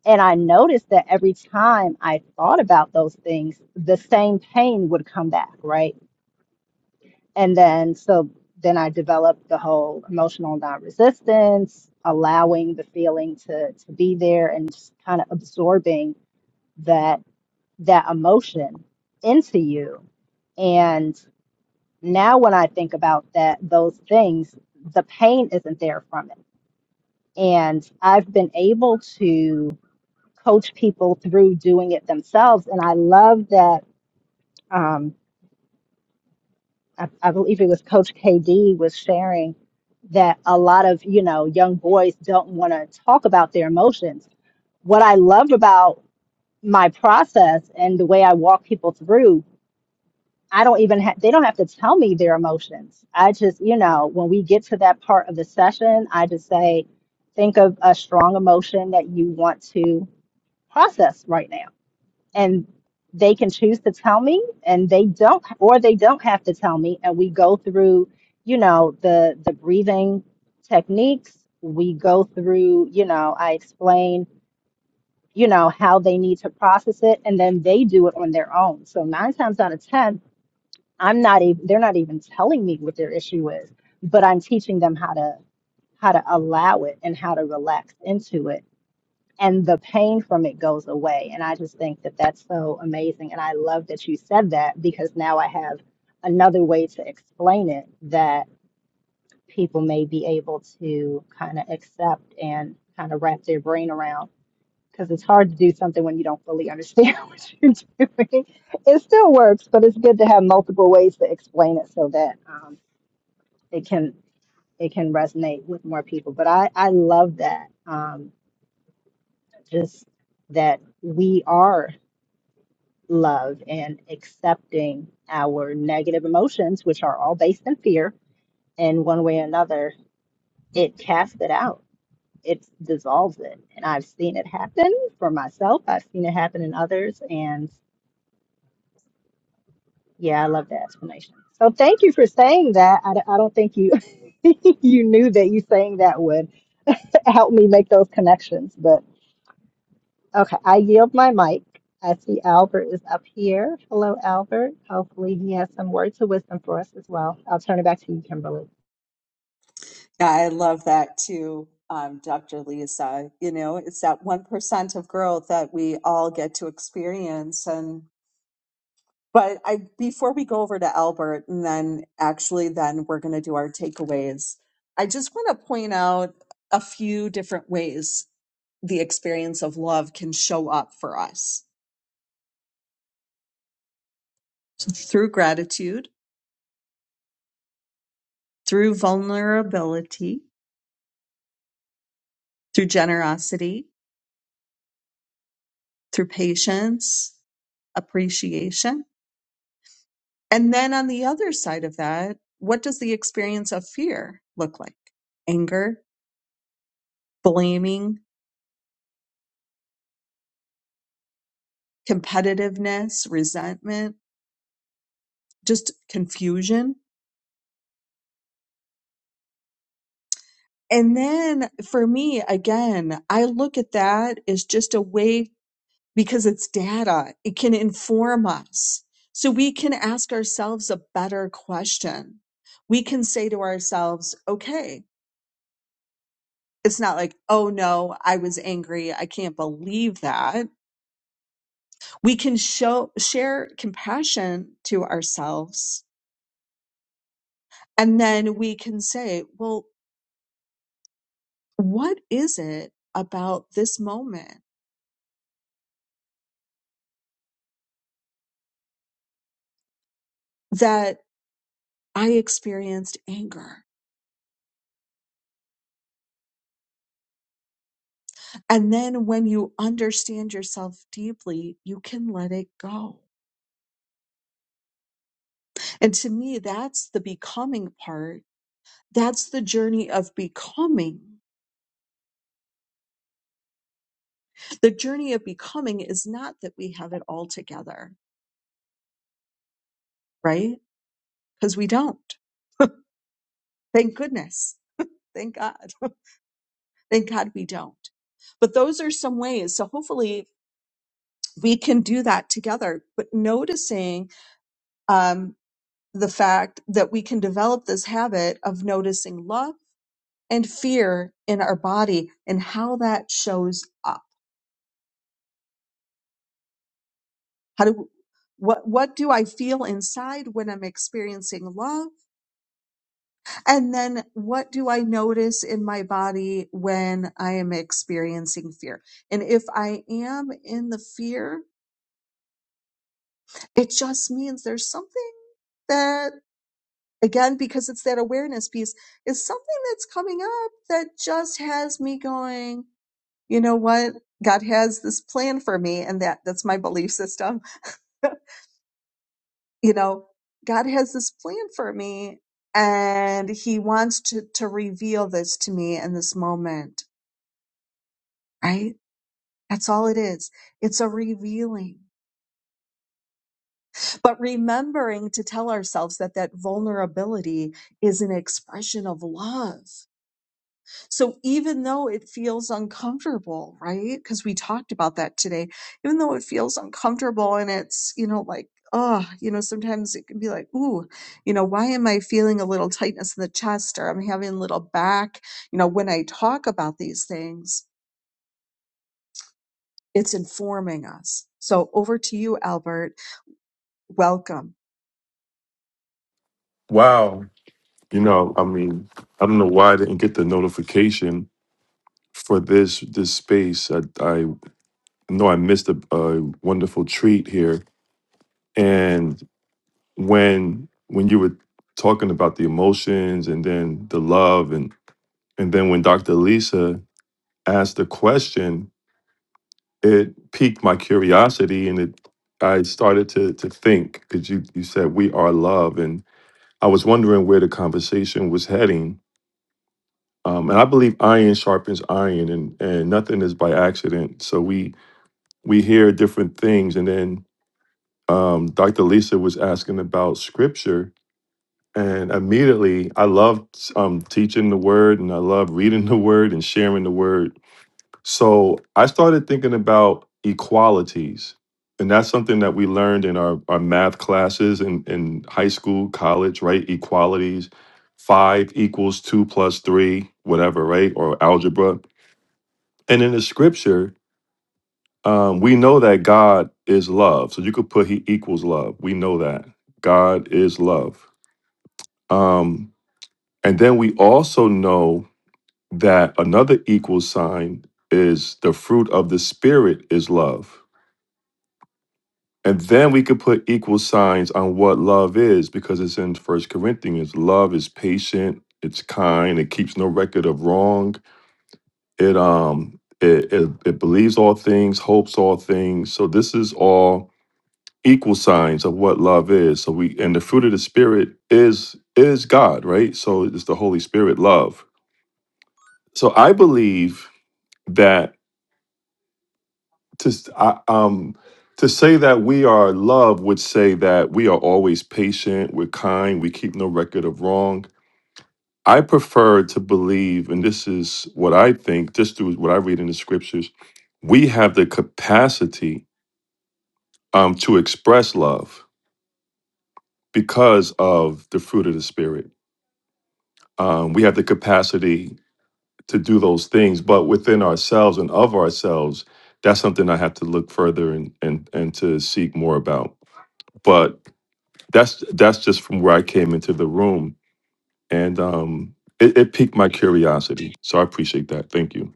And I noticed that every time I thought about those things, the same pain would come back, right? and then so then i developed the whole emotional non-resistance allowing the feeling to to be there and just kind of absorbing that that emotion into you and now when i think about that those things the pain isn't there from it and i've been able to coach people through doing it themselves and i love that um, I, I believe it was Coach KD was sharing that a lot of you know young boys don't want to talk about their emotions. What I love about my process and the way I walk people through, I don't even ha- they don't have to tell me their emotions. I just you know when we get to that part of the session, I just say, think of a strong emotion that you want to process right now and they can choose to tell me and they don't or they don't have to tell me and we go through you know the the breathing techniques we go through you know i explain you know how they need to process it and then they do it on their own so nine times out of ten i'm not even they're not even telling me what their issue is but i'm teaching them how to how to allow it and how to relax into it and the pain from it goes away. And I just think that that's so amazing. And I love that you said that because now I have another way to explain it that people may be able to kind of accept and kind of wrap their brain around because it's hard to do something when you don't fully understand what you're doing. It still works, but it's good to have multiple ways to explain it so that um, it can it can resonate with more people. But I I love that um, just that we are. love and accepting our negative emotions, which are all based in fear, in one way or another, it casts it out. It dissolves it. And I've seen it happen for myself. I've seen it happen in others. And yeah, I love that explanation. So thank you for saying that. I, d- I don't think you you knew that you saying that would help me make those connections. Okay, I yield my mic. I see Albert is up here. Hello, Albert. Hopefully, he has some words of wisdom for us as well. I'll turn it back to you, Kimberly. Yeah, I love that too, um, Dr. Lisa. You know, it's that 1% of growth that we all get to experience. And, but I, before we go over to Albert and then actually then we're going to do our takeaways, I just want to point out a few different ways the experience of love can show up for us So, through gratitude, through vulnerability, through generosity, through patience, appreciation And then on the other side of that, what does the experience of fear look like? Anger, blaming, competitiveness, resentment, just confusion. And then for me, again, I look at that as just a way because it's data, it can inform us. So we can ask ourselves a better question. We can say to ourselves, okay, it's not like, oh no, I was angry. I can't believe that we can show share compassion to ourselves and then we can say well what is it about this moment that i experienced anger and then when you understand yourself deeply you can let it go and to me that's the becoming part that's the journey of becoming the journey of becoming is not that we have it all together right because we don't thank goodness thank god Thank God we don't. But those are some ways. So hopefully we can do that together. But noticing um, the fact that we can develop this habit of noticing love and fear in our body and how that shows up. How do what what do I feel inside when I'm experiencing love? And then what do I notice in my body when I am experiencing fear? And if I am in the fear, It just means there's something that, again, because it's that awareness piece, is something that's coming up that just has me going, you know what? God has this plan for me. And that, that's my belief system. you know, God has this plan for me and he wants to, to reveal this to me in this moment, right? That's all it is. It's a revealing. but remembering to tell ourselves that that vulnerability is an expression of love. So even though it feels uncomfortable, right? Because we talked about that today, even though it feels uncomfortable and it's, you know, like, oh, you know, sometimes it can be like, ooh, you know, why am I feeling a little tightness in the chest or I'm having a little back? You know, when I talk about these things, it's informing us. So over to you, Albert. Welcome. Wow. You know, I mean, I don't know why I didn't get the notification for this this space. I I know I missed a, a wonderful treat here. And when when you were talking about the emotions and then the love and and then when Dr. Lisa asked the question, it piqued my curiosity and it I started to to think because you you said we are love and I was wondering where the conversation was heading Um, and I believe iron sharpens iron, and and nothing is by accident. So we we hear different things, and then um, Dr. Lisa was asking about scripture, and immediately I love um, teaching the word, and I love reading the word and sharing the word. So I started thinking about equalities, and that's something that we learned in our our math classes in in high school, college, right? Equalities, five equals two plus three, whatever, right? Or algebra and in the scripture, um, we know that God is love. So you could put He equals love. We know that God is love. Um, and then we also know that another equal sign is the fruit of the Spirit is love. And then we could put equal signs on what love is because it's in First Corinthians. Love is patient, it's kind, it keeps no record of wrong. It um it, it it believes all things, hopes all things. So this is all equal signs of what love is. So we and the fruit of the spirit is is God, right? So it's the Holy Spirit love. So I believe that to s- I- um to say that we are love would say that we are always patient, we're kind, we keep no record of wrong. I prefer to believe, and this is what I think, just through what I read in the scriptures, we have the capacity um, to express love because of the fruit of the spirit um, we have the capacity to do those things but within ourselves and of ourselves that's something i have to look further and and and to seek more about but that's that's just from where i came into the room and um it, it piqued my curiosity so i appreciate that thank you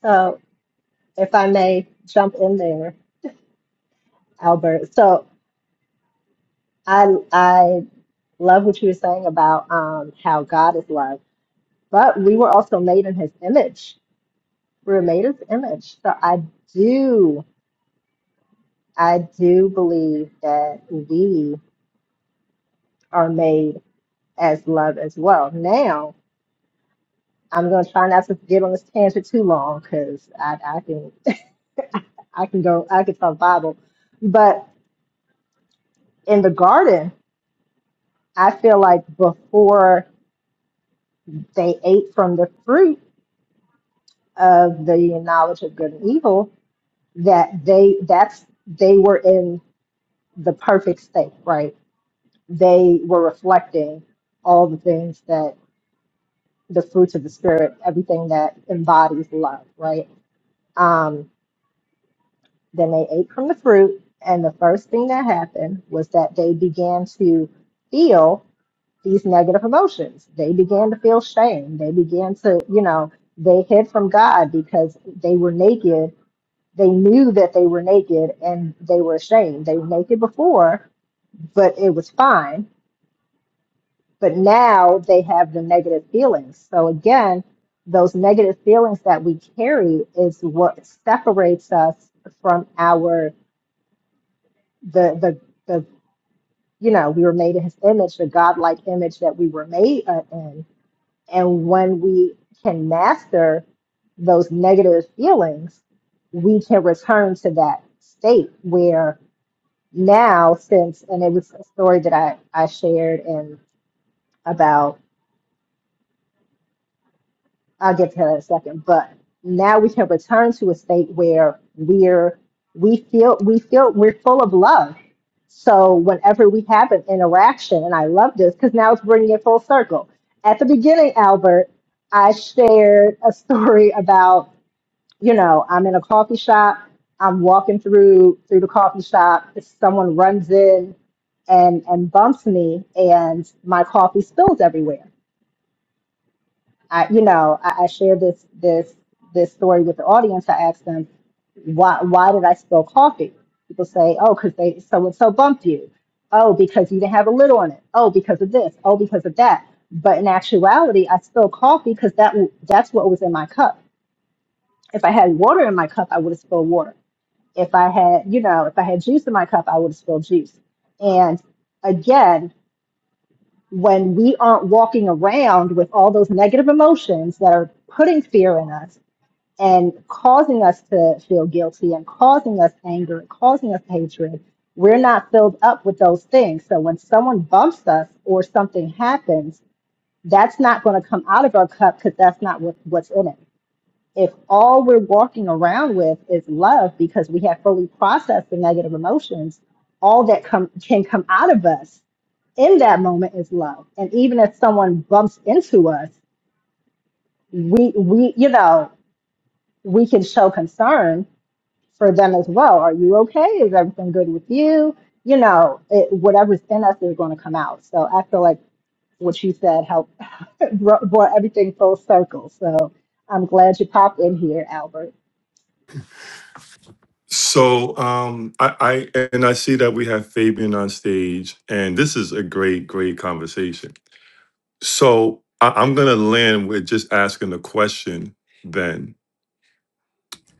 So, if I may jump in there, Albert. So, I I love what you were saying about um, how God is love, but we were also made in His image. We were made His image. So, I do I do believe that we are made as love as well. Now I'm gonna try not to get on this tangent too long because I, I can I can go I can talk Bible, but in the garden I feel like before they ate from the fruit of the knowledge of good and evil that they that's they were in the perfect state right they were reflecting all the things that the fruits of the spirit everything that embodies love right Um, Then they ate from the fruit, and the first thing that happened was that they began to feel these negative emotions. They began to feel shame. They began to, you know, they hid from God because they were naked. They knew that they were naked and they were ashamed. They were naked before, but it was fine. But now they have the negative feelings. So again, those negative feelings that we carry is what separates us from our the the the you know, we were made in his image, the godlike image that we were made uh, in. And when we can master those negative feelings, we can return to that state where now, since, and it was a story that I, I shared and I'll get to that in a second. But now we can return to a state where we're we feel we feel we're full of love. So whenever we have an interaction, and I love this because now it's bringing it full circle. At the beginning, Albert, I shared a story about you know I'm in a coffee shop. I'm walking through through the coffee shop. Someone runs in and and bumps me, and my coffee spills everywhere I, you know, I, I shared this this this story with the audience. I asked them, why why did I spill coffee? People say, oh, because they so and so bumped you. Oh, because you didn't have a lid on it. Oh, because of this. Oh, because of that. But in actuality, I spilled coffee because that w- that's what was in my cup. If I had water in my cup, I would have spilled water. If I had, you know, if I had juice in my cup, I would have spilled juice. And again, when we aren't walking around with all those negative emotions that are putting fear in us and causing us to feel guilty and causing us anger and causing us hatred, we're not filled up with those things. So when someone bumps us or something happens, that's not going to come out of our cup because that's not what, what's in it. If all we're walking around with is love because we have fully processed the negative emotions, all that come, can come out of us in that moment is love. And even if someone bumps into us, we we you know, we can show concern for them as well. Are you okay? Is everything good with you? You know, it, whatever's in us is going to come out. So I feel like what you said helped brought brought everything full circle. So I'm glad you popped in here, Albert. so um i i and i see that we have fabian on stage and this is a great great conversation so I, i'm gonna land with just asking the question then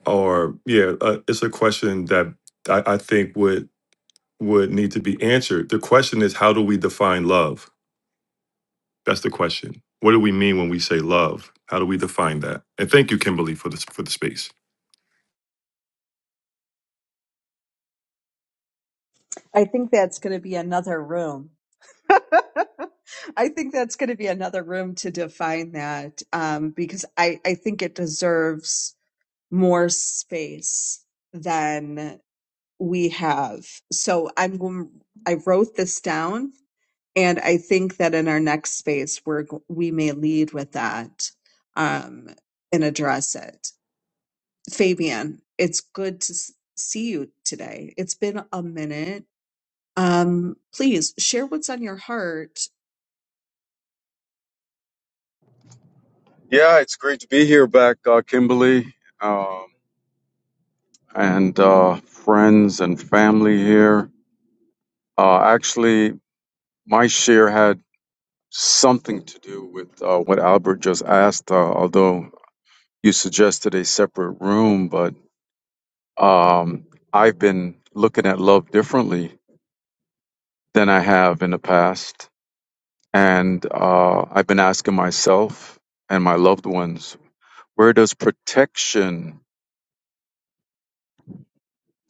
or yeah, uh, it's a question that I, I think would would need to be answered. The question is, how do we define love? That's the question. What do we mean when we say love? How do we define that? And thank you, Kimberly, for this for the space. I think that's going to be another room. I think that's going to be another room to define that um, because I, I think it deserves more space than we have. So I'm going, I wrote this down and I think that in our next space we're, go- we may lead with that um, and address it. Fabian, it's good to s- see you today. It's been a minute. Um, please share what's on your heart Yeah, it's great to be here back, uh, Kimberly, um, and uh, friends and family here. Uh, actually, my share had something to do with uh, what Albert just asked, uh, although you suggested a separate room, but um, I've been looking at love differently than I have in the past. And uh, I've been asking myself and my loved ones, where does protection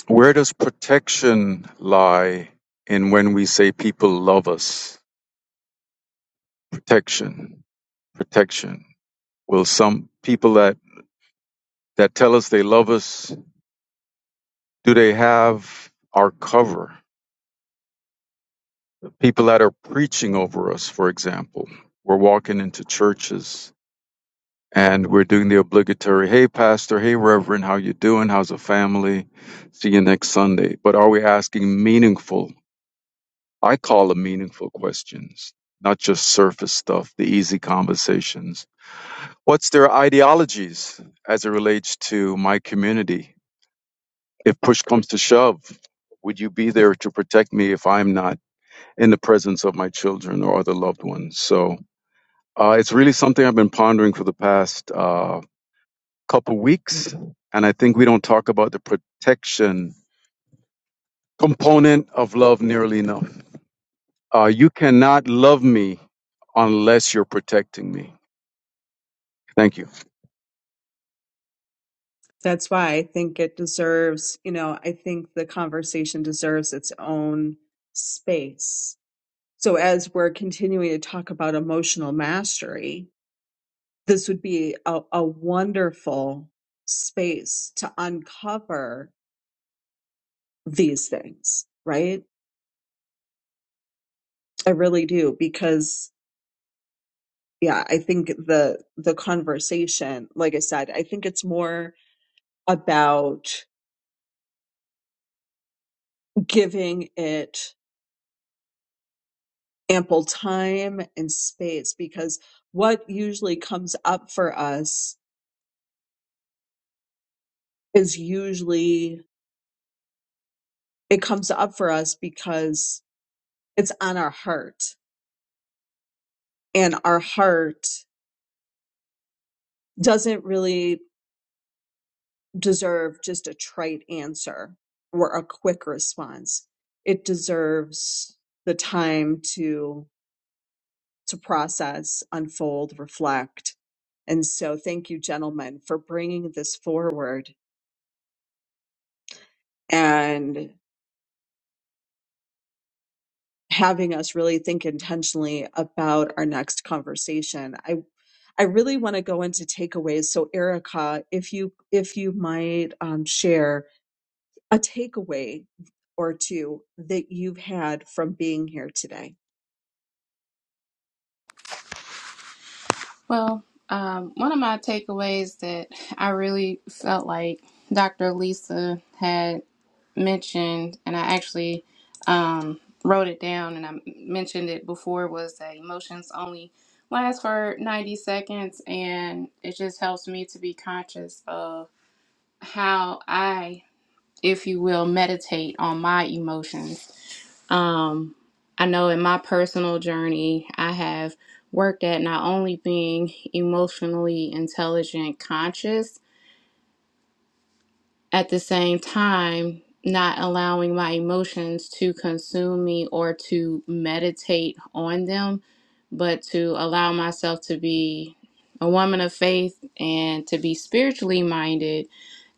Where does protection lie in when we say people love us? Protection, protection. Will some people that, that tell us they love us, do they have our cover? The people that are preaching over us, for example, we're walking into churches and we're doing the obligatory, hey pastor, hey reverend, how you doing? How's the family? See you next Sunday. But are we asking meaningful I call them meaningful questions, not just surface stuff, the easy conversations. What's their ideologies as it relates to my community? If push comes to shove, would you be there to protect me if I'm not in the presence of my children or other loved ones? So uh, it's really something I've been pondering for the past uh, couple weeks. And I think we don't talk about the protection component of love nearly enough. Uh, you cannot love me unless you're protecting me. Thank you. That's why I think it deserves, you know, I think the conversation deserves its own space. So as we're continuing to talk about emotional mastery, this would be a, a wonderful space to uncover these things, right? I really do because yeah, I think the the conversation, like I said, I think it's more about giving it ample time and space because what usually comes up for us is usually it comes up for us because it's on our heart and our heart doesn't really deserve just a trite answer or a quick response it deserves the time to to process unfold reflect and so thank you gentlemen for bringing this forward and having us really think intentionally about our next conversation. I I really want to go into takeaways. So Erica, if you if you might um, share a takeaway or two that you've had from being here today. Well, um, one of my takeaways that I really felt like Dr. Lisa had mentioned, and I actually um, wrote it down and I mentioned it before, was that emotions only last for 90 seconds. And it just helps me to be conscious of how I, if you will, meditate on my emotions Um, I know in my personal journey, I have worked at not only being emotionally intelligent, conscious, at the same time, not allowing my emotions to consume me or to meditate on them, but to allow myself to be a woman of faith and to be spiritually minded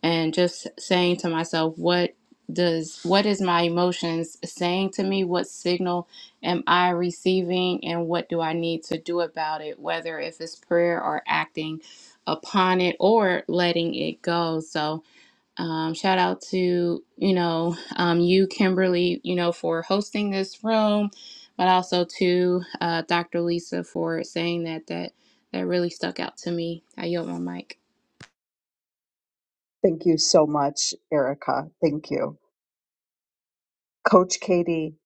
and just saying to myself what does what is my emotions saying to me what signal am i receiving and what do i need to do about it whether if it's prayer or acting upon it or letting it go so um, shout out to you know um, you kimberly you know for hosting this room but also to uh, dr lisa for saying that that that really stuck out to me i yield my mic Thank you so much, Erica. Thank you. Coach Katie,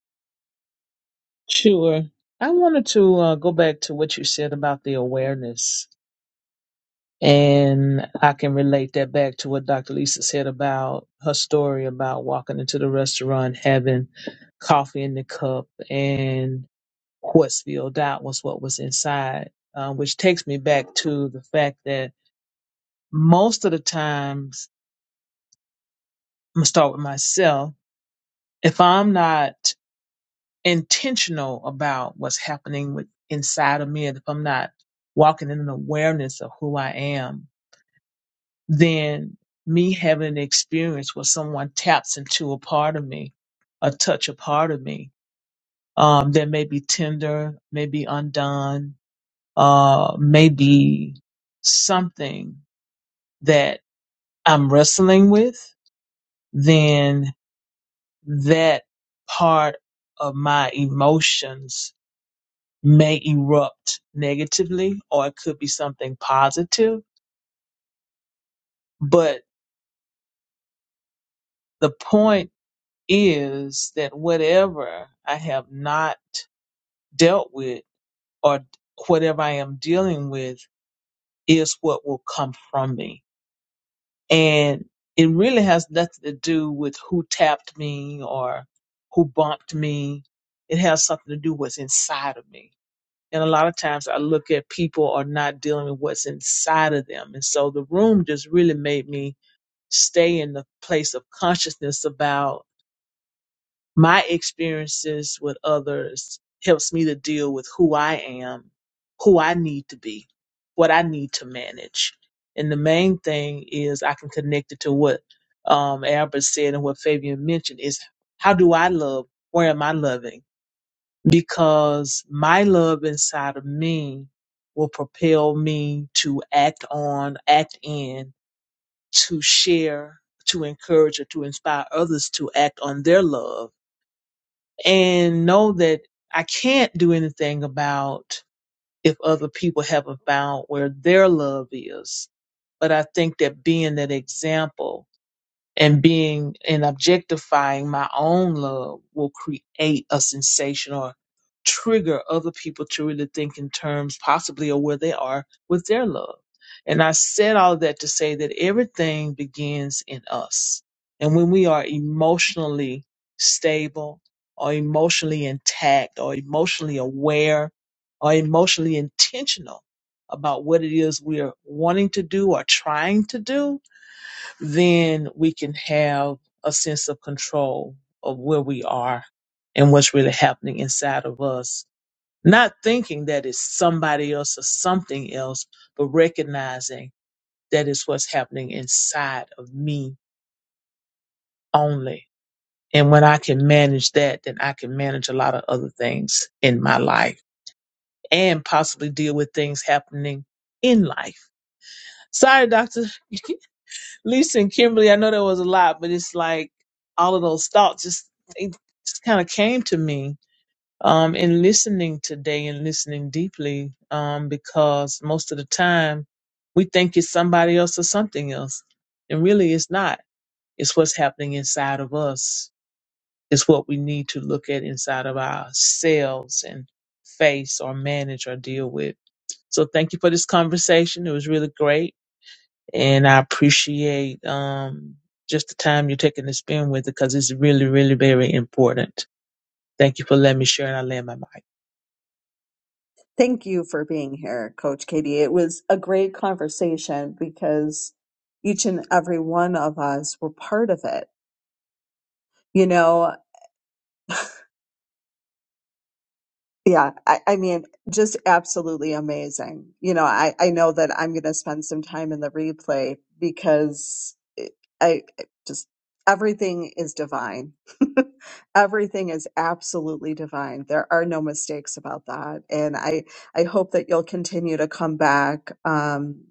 Sure. I wanted to uh, go back to what you said about the awareness. And I can relate that back to what Dr. Lisa said about her story about walking into the restaurant, having coffee in the cup, and what spilled out was what was inside, uh, which takes me back to the fact that most of the times, I'm going to start with myself, if I'm not intentional about what's happening with, inside of me, and if I'm not walking in an awareness of who I am, then me having an experience where someone taps into a part of me, a touch a part of me, um, that may be tender, may be undone, uh, may be something that I'm wrestling with, then that part of my emotions may erupt negatively or it could be something positive. But the point is that whatever I have not dealt with or whatever I am dealing with is what will come from me. And it really has nothing to do with who tapped me or who bumped me. It has something to do with what's inside of me. And a lot of times I look at people are not dealing with what's inside of them. And so the room just really made me stay in the place of consciousness about. my experiences with others helps me to deal with who I am, who I need to be, what I need to manage. And the main thing is I can connect it to what um, Albert said and what Fabian mentioned is how do I love? Where am I loving? Because my love inside of me will propel me to act on, act in, to share, to encourage, or to inspire others to act on their love and know that I can't do anything about if other people haven't found where their love is. But I think that being that example and being and objectifying my own love will create a sensation or trigger other people to really think in terms possibly of where they are with their love. And I said all that to say that everything begins in us. And when we are emotionally stable or emotionally intact or emotionally aware or emotionally intentional about what it is we're wanting to do or trying to do, then we can have a sense of control of where we are and what's really happening inside of us. Not thinking that it's somebody else or something else, but recognizing that it's what's happening inside of me only. And when I can manage that, then I can manage a lot of other things in my life and possibly deal with things happening in life. Sorry, doctor. Lisa and Kimberly, I know there was a lot, but it's like all of those thoughts just it just kind of came to me um in listening today and listening deeply um because most of the time we think it's somebody else or something else and really it's not it's what's happening inside of us it's what we need to look at inside of ourselves and face or manage or deal with so thank you for this conversation it was really great and I appreciate um, just the time you're taking to spend with it because it's really, really very important. Thank you for letting me share and I land my mic. thank you for being here, Coach Katie. It was a great conversation because each and every one of us were part of it. You know, Yeah, I, I mean, just absolutely amazing. You know, I, I know that I'm going to spend some time in the replay because it, I it just everything is divine. Everything is absolutely divine. There are no mistakes about that. And I, I hope that you'll continue to come back um,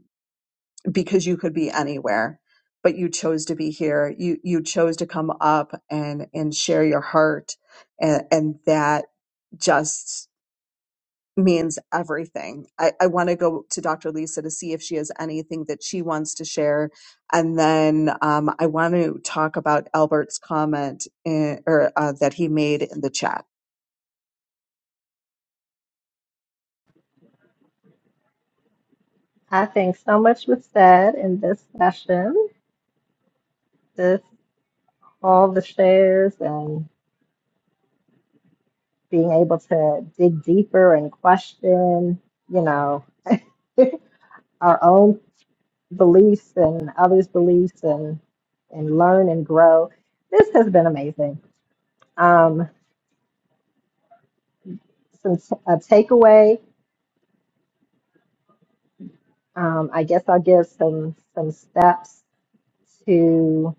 because you could be anywhere, but you chose to be here. You, you chose to come up and, and share your heart. And, and that just means everything. I, I want to go to Dr. Lisa to see if she has anything that she wants to share. And then um, I want to talk about Albert's comment in, or uh, that he made in the chat. I think so much was said in this session. This all the shares and. being able to dig deeper and question, you know, our own beliefs and others' beliefs and and learn and grow. This has been amazing. Um, some t- a takeaway. Um, I guess I'll give some some steps to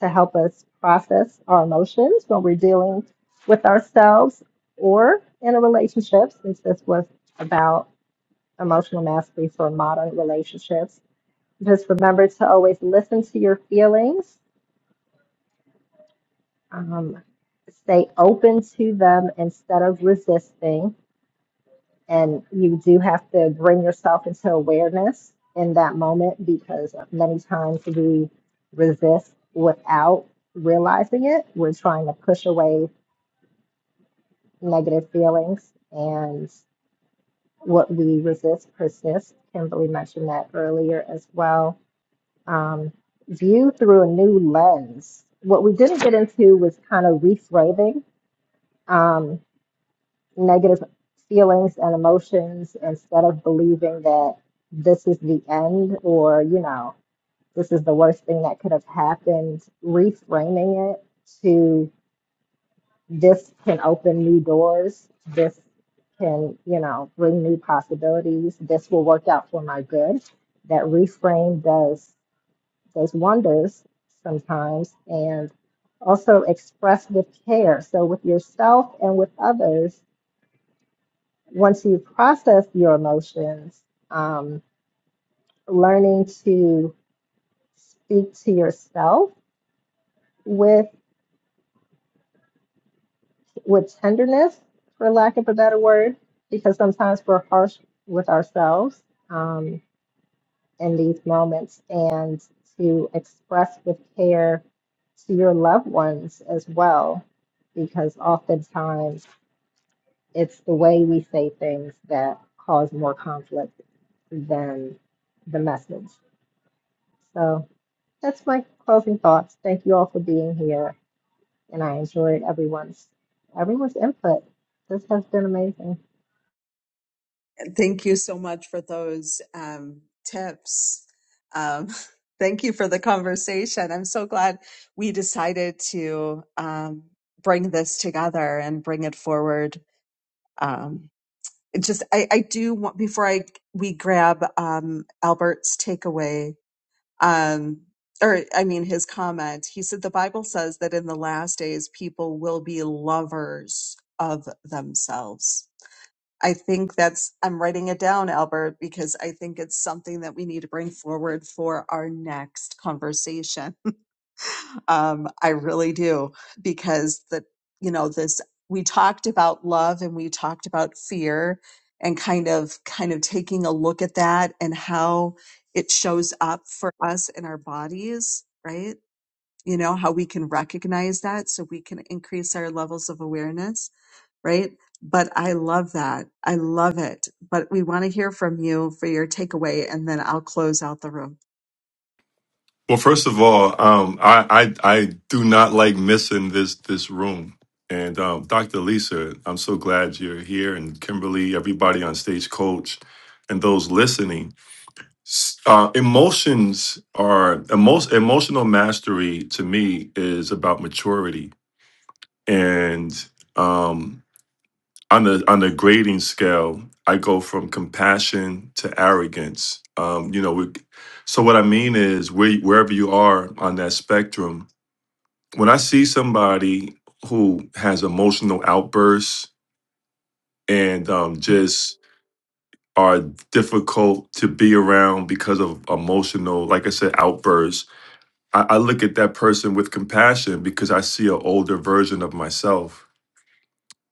to help us process our emotions when we're dealing with ourselves or in a relationship. Since this was about emotional mastery for modern relationships Just remember to always listen to your feelings, um, stay open to them instead of resisting. And you do have to bring yourself into awareness in that moment because many times we resist without realizing it. We're trying to push away negative feelings, and what we resist persists. Kimberly mentioned that earlier as well um, view through a new lens. What we didn't get into was kind of reframing um, negative feelings and emotions instead of believing that this is the end or, you know, this is the worst thing that could have happened. Reframing it to this can open new doors. This can, you know, bring new possibilities. This will work out for my good. That reframe does does wonders sometimes and also express with care. So, with yourself and with others, once you process your emotions, um, learning to speak to yourself with with tenderness, for lack of a better word, because sometimes we're harsh with ourselves. Um, in these moments and to express with care to your loved ones as well, because oftentimes it's the way we say things that cause more conflict than the message. So that's my closing thoughts. Thank you all for being here, and I enjoyed everyone's everyone's input. This has been amazing. Thank you so much for those um, tips. Um, thank you for the conversation. I'm so glad we decided to um, bring this together and bring it forward. Um, it just, I, I do want before I we grab um, Albert's takeaway. Um, or, I mean, his comment, he said, the Bible says that in the last days, people will be lovers of themselves I think that's, I'm writing it down, Albert, because I think it's something that we need to bring forward for our next conversation. Um, I really do, because the, you know, this, we talked about love and we talked about fear and kind of, kind of taking a look at that and how it shows up for us in our bodies, right? You know, how we can recognize that so we can increase our levels of awareness right? But I love that. I love it. But we want to hear from you for your takeaway, and then I'll close out the room. Well, first of all, um, I, I I do not like missing this this room. And um, Dr. Lisa, I'm so glad you're here, and Kimberly, everybody on Stagecoach, and those listening. S- Uh, emotions are emo- emotional mastery to me is about maturity, and um, on the on the grading scale, I go from compassion to arrogance. Um, you know, we, so what I mean is, where, wherever you are on that spectrum, when I see somebody who has emotional outbursts and um, just are difficult to be around because of emotional, like I said, outbursts, I, I look at that person with compassion because I see an older version of myself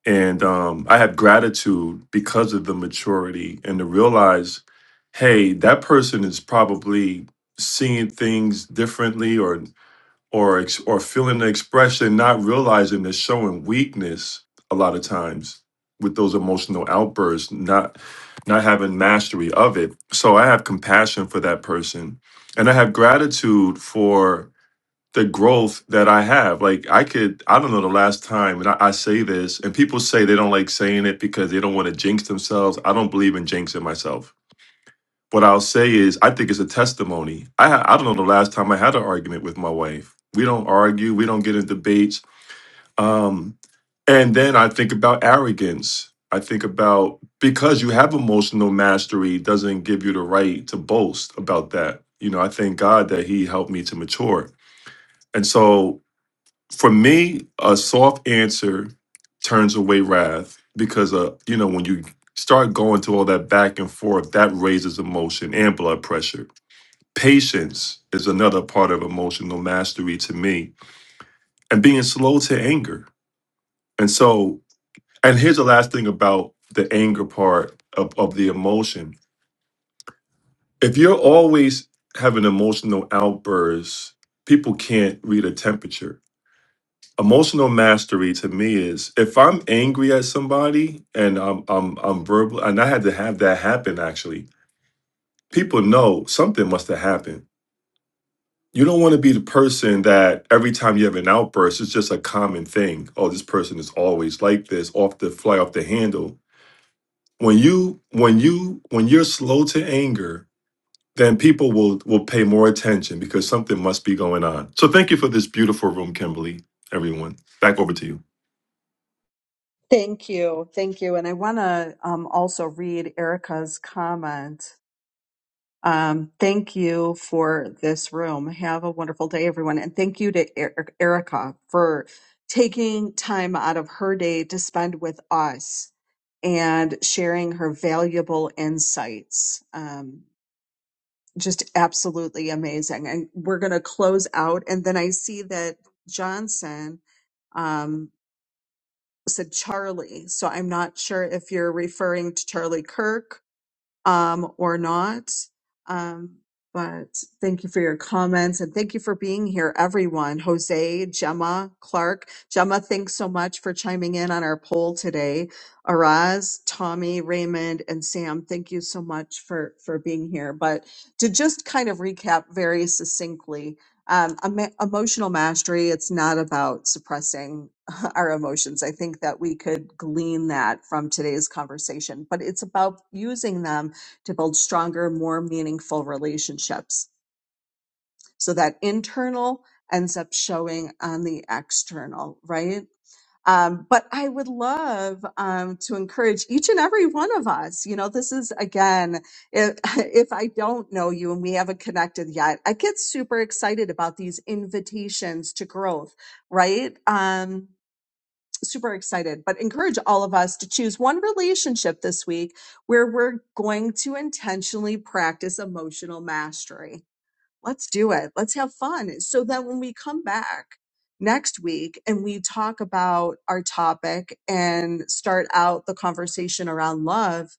and um, I have gratitude because of the maturity and to realize, hey, that person is probably seeing things differently or or ex- or feeling the expression, not realizing they're showing weakness a lot of times with those emotional outbursts, not not having mastery of it. So I have compassion for that person, and I have gratitude for the growth that I have. Like I could, I don't know the last time, and I, I say this, and people say they don't like saying it because they don't want to jinx themselves. I don't believe in jinxing myself. What I'll say is, I think it's a testimony. I ha- I don't know the last time I had an argument with my wife. We don't argue. We don't get in debates. Um, and then I think about arrogance. I think about because you have emotional mastery doesn't give you the right to boast about that. You know, I thank God that He helped me to mature. And so for me, a soft answer turns away wrath because uh, you know, when you start going to all that back and forth, that raises emotion and blood pressure. Patience is another part of emotional mastery to me, and being slow to anger. And so, and here's the last thing about the anger part of, of the emotion. If you're always having emotional outbursts, people can't read a temperature emotional mastery to me is if I'm angry at somebody and I'm I'm I'm verbal and I had to have that happen actually. People know something must have happened. You don't want to be the person that every time you have an outburst, it's just a common thing. Oh, this person is always like this, off the fly off the handle. When you when you when you're slow to anger, then people will will pay more attention because something must be going on. So thank you for this beautiful room, Kimberly. Everyone, back over to you. Thank you. Thank you. And I want to um, also read Erica's comment. Um, thank you for this room. Have a wonderful day, everyone. And thank you to Er- Erica for taking time out of her day to spend with us and sharing her valuable insights. Um, just absolutely amazing. And we're going to close out. And then I see that Johnson um, said Charlie. So I'm not sure if you're referring to Charlie Kirk um, or not. Um, but thank you for your comments and thank you for being here, everyone. Jose, Gemma, Clark. Gemma, thanks so much for chiming in on our poll today. Araz, Tommy, Raymond, and Sam, thank you so much for, for being here. But to just kind of recap very succinctly, um, emo- emotional mastery, it's not about suppressing our emotions. I think that we could glean that from today's conversation, but it's about using them to build stronger, more meaningful relationships. So that internal ends up showing on the external, right? Um, but I would love um, to encourage each and every one of us. You know, this is again, if, if I don't know you and we haven't connected yet, I get super excited about these invitations to growth, right? Um, super excited, but encourage all of us to choose one relationship this week where we're going to intentionally practice emotional mastery. Let's do it. Let's have fun. So that when we come back next week and we talk about our topic and start out the conversation around love,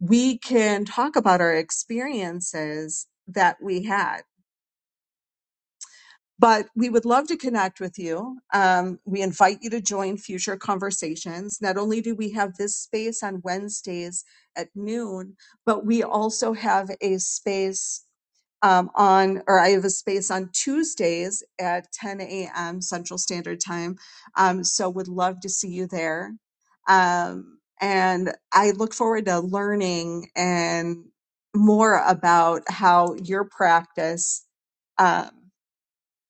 we can talk about our experiences that we had but we would love to connect with you. Um, we invite you to join future conversations. Not only do we have this space on Wednesdays at noon, but we also have a space um, on, or I have a space on Tuesdays at 10 a.m. Central Standard Time. Um, so would love to see you there. Um, and I look forward to learning and more about how your practice. um,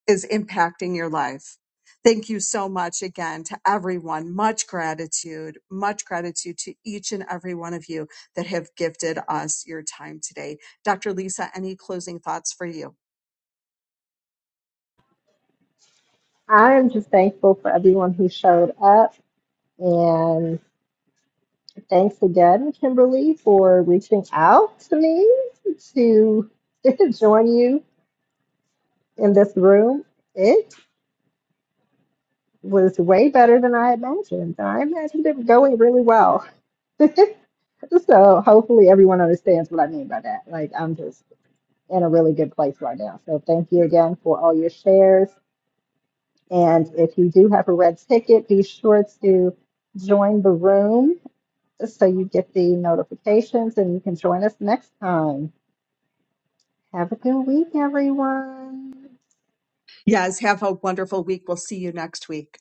is impacting your life. Thank you so much again to everyone. Much gratitude, much gratitude to each and every one of you that have gifted us your time today. Dr. Lisa, any closing thoughts for you? I am just thankful for everyone who showed up, and Thanks again, Kimberly, for reaching out to me to join you in this room. It was way better than I imagined. I imagined it going really well. so hopefully everyone understands what I mean by that. Like I'm just in a really good place right now. So thank you again for all your shares. And if you do have a red ticket, be sure to join the room so you get the notifications and you can join us next time. Have a good week, everyone. Yes, have a wonderful week. We'll see you next week.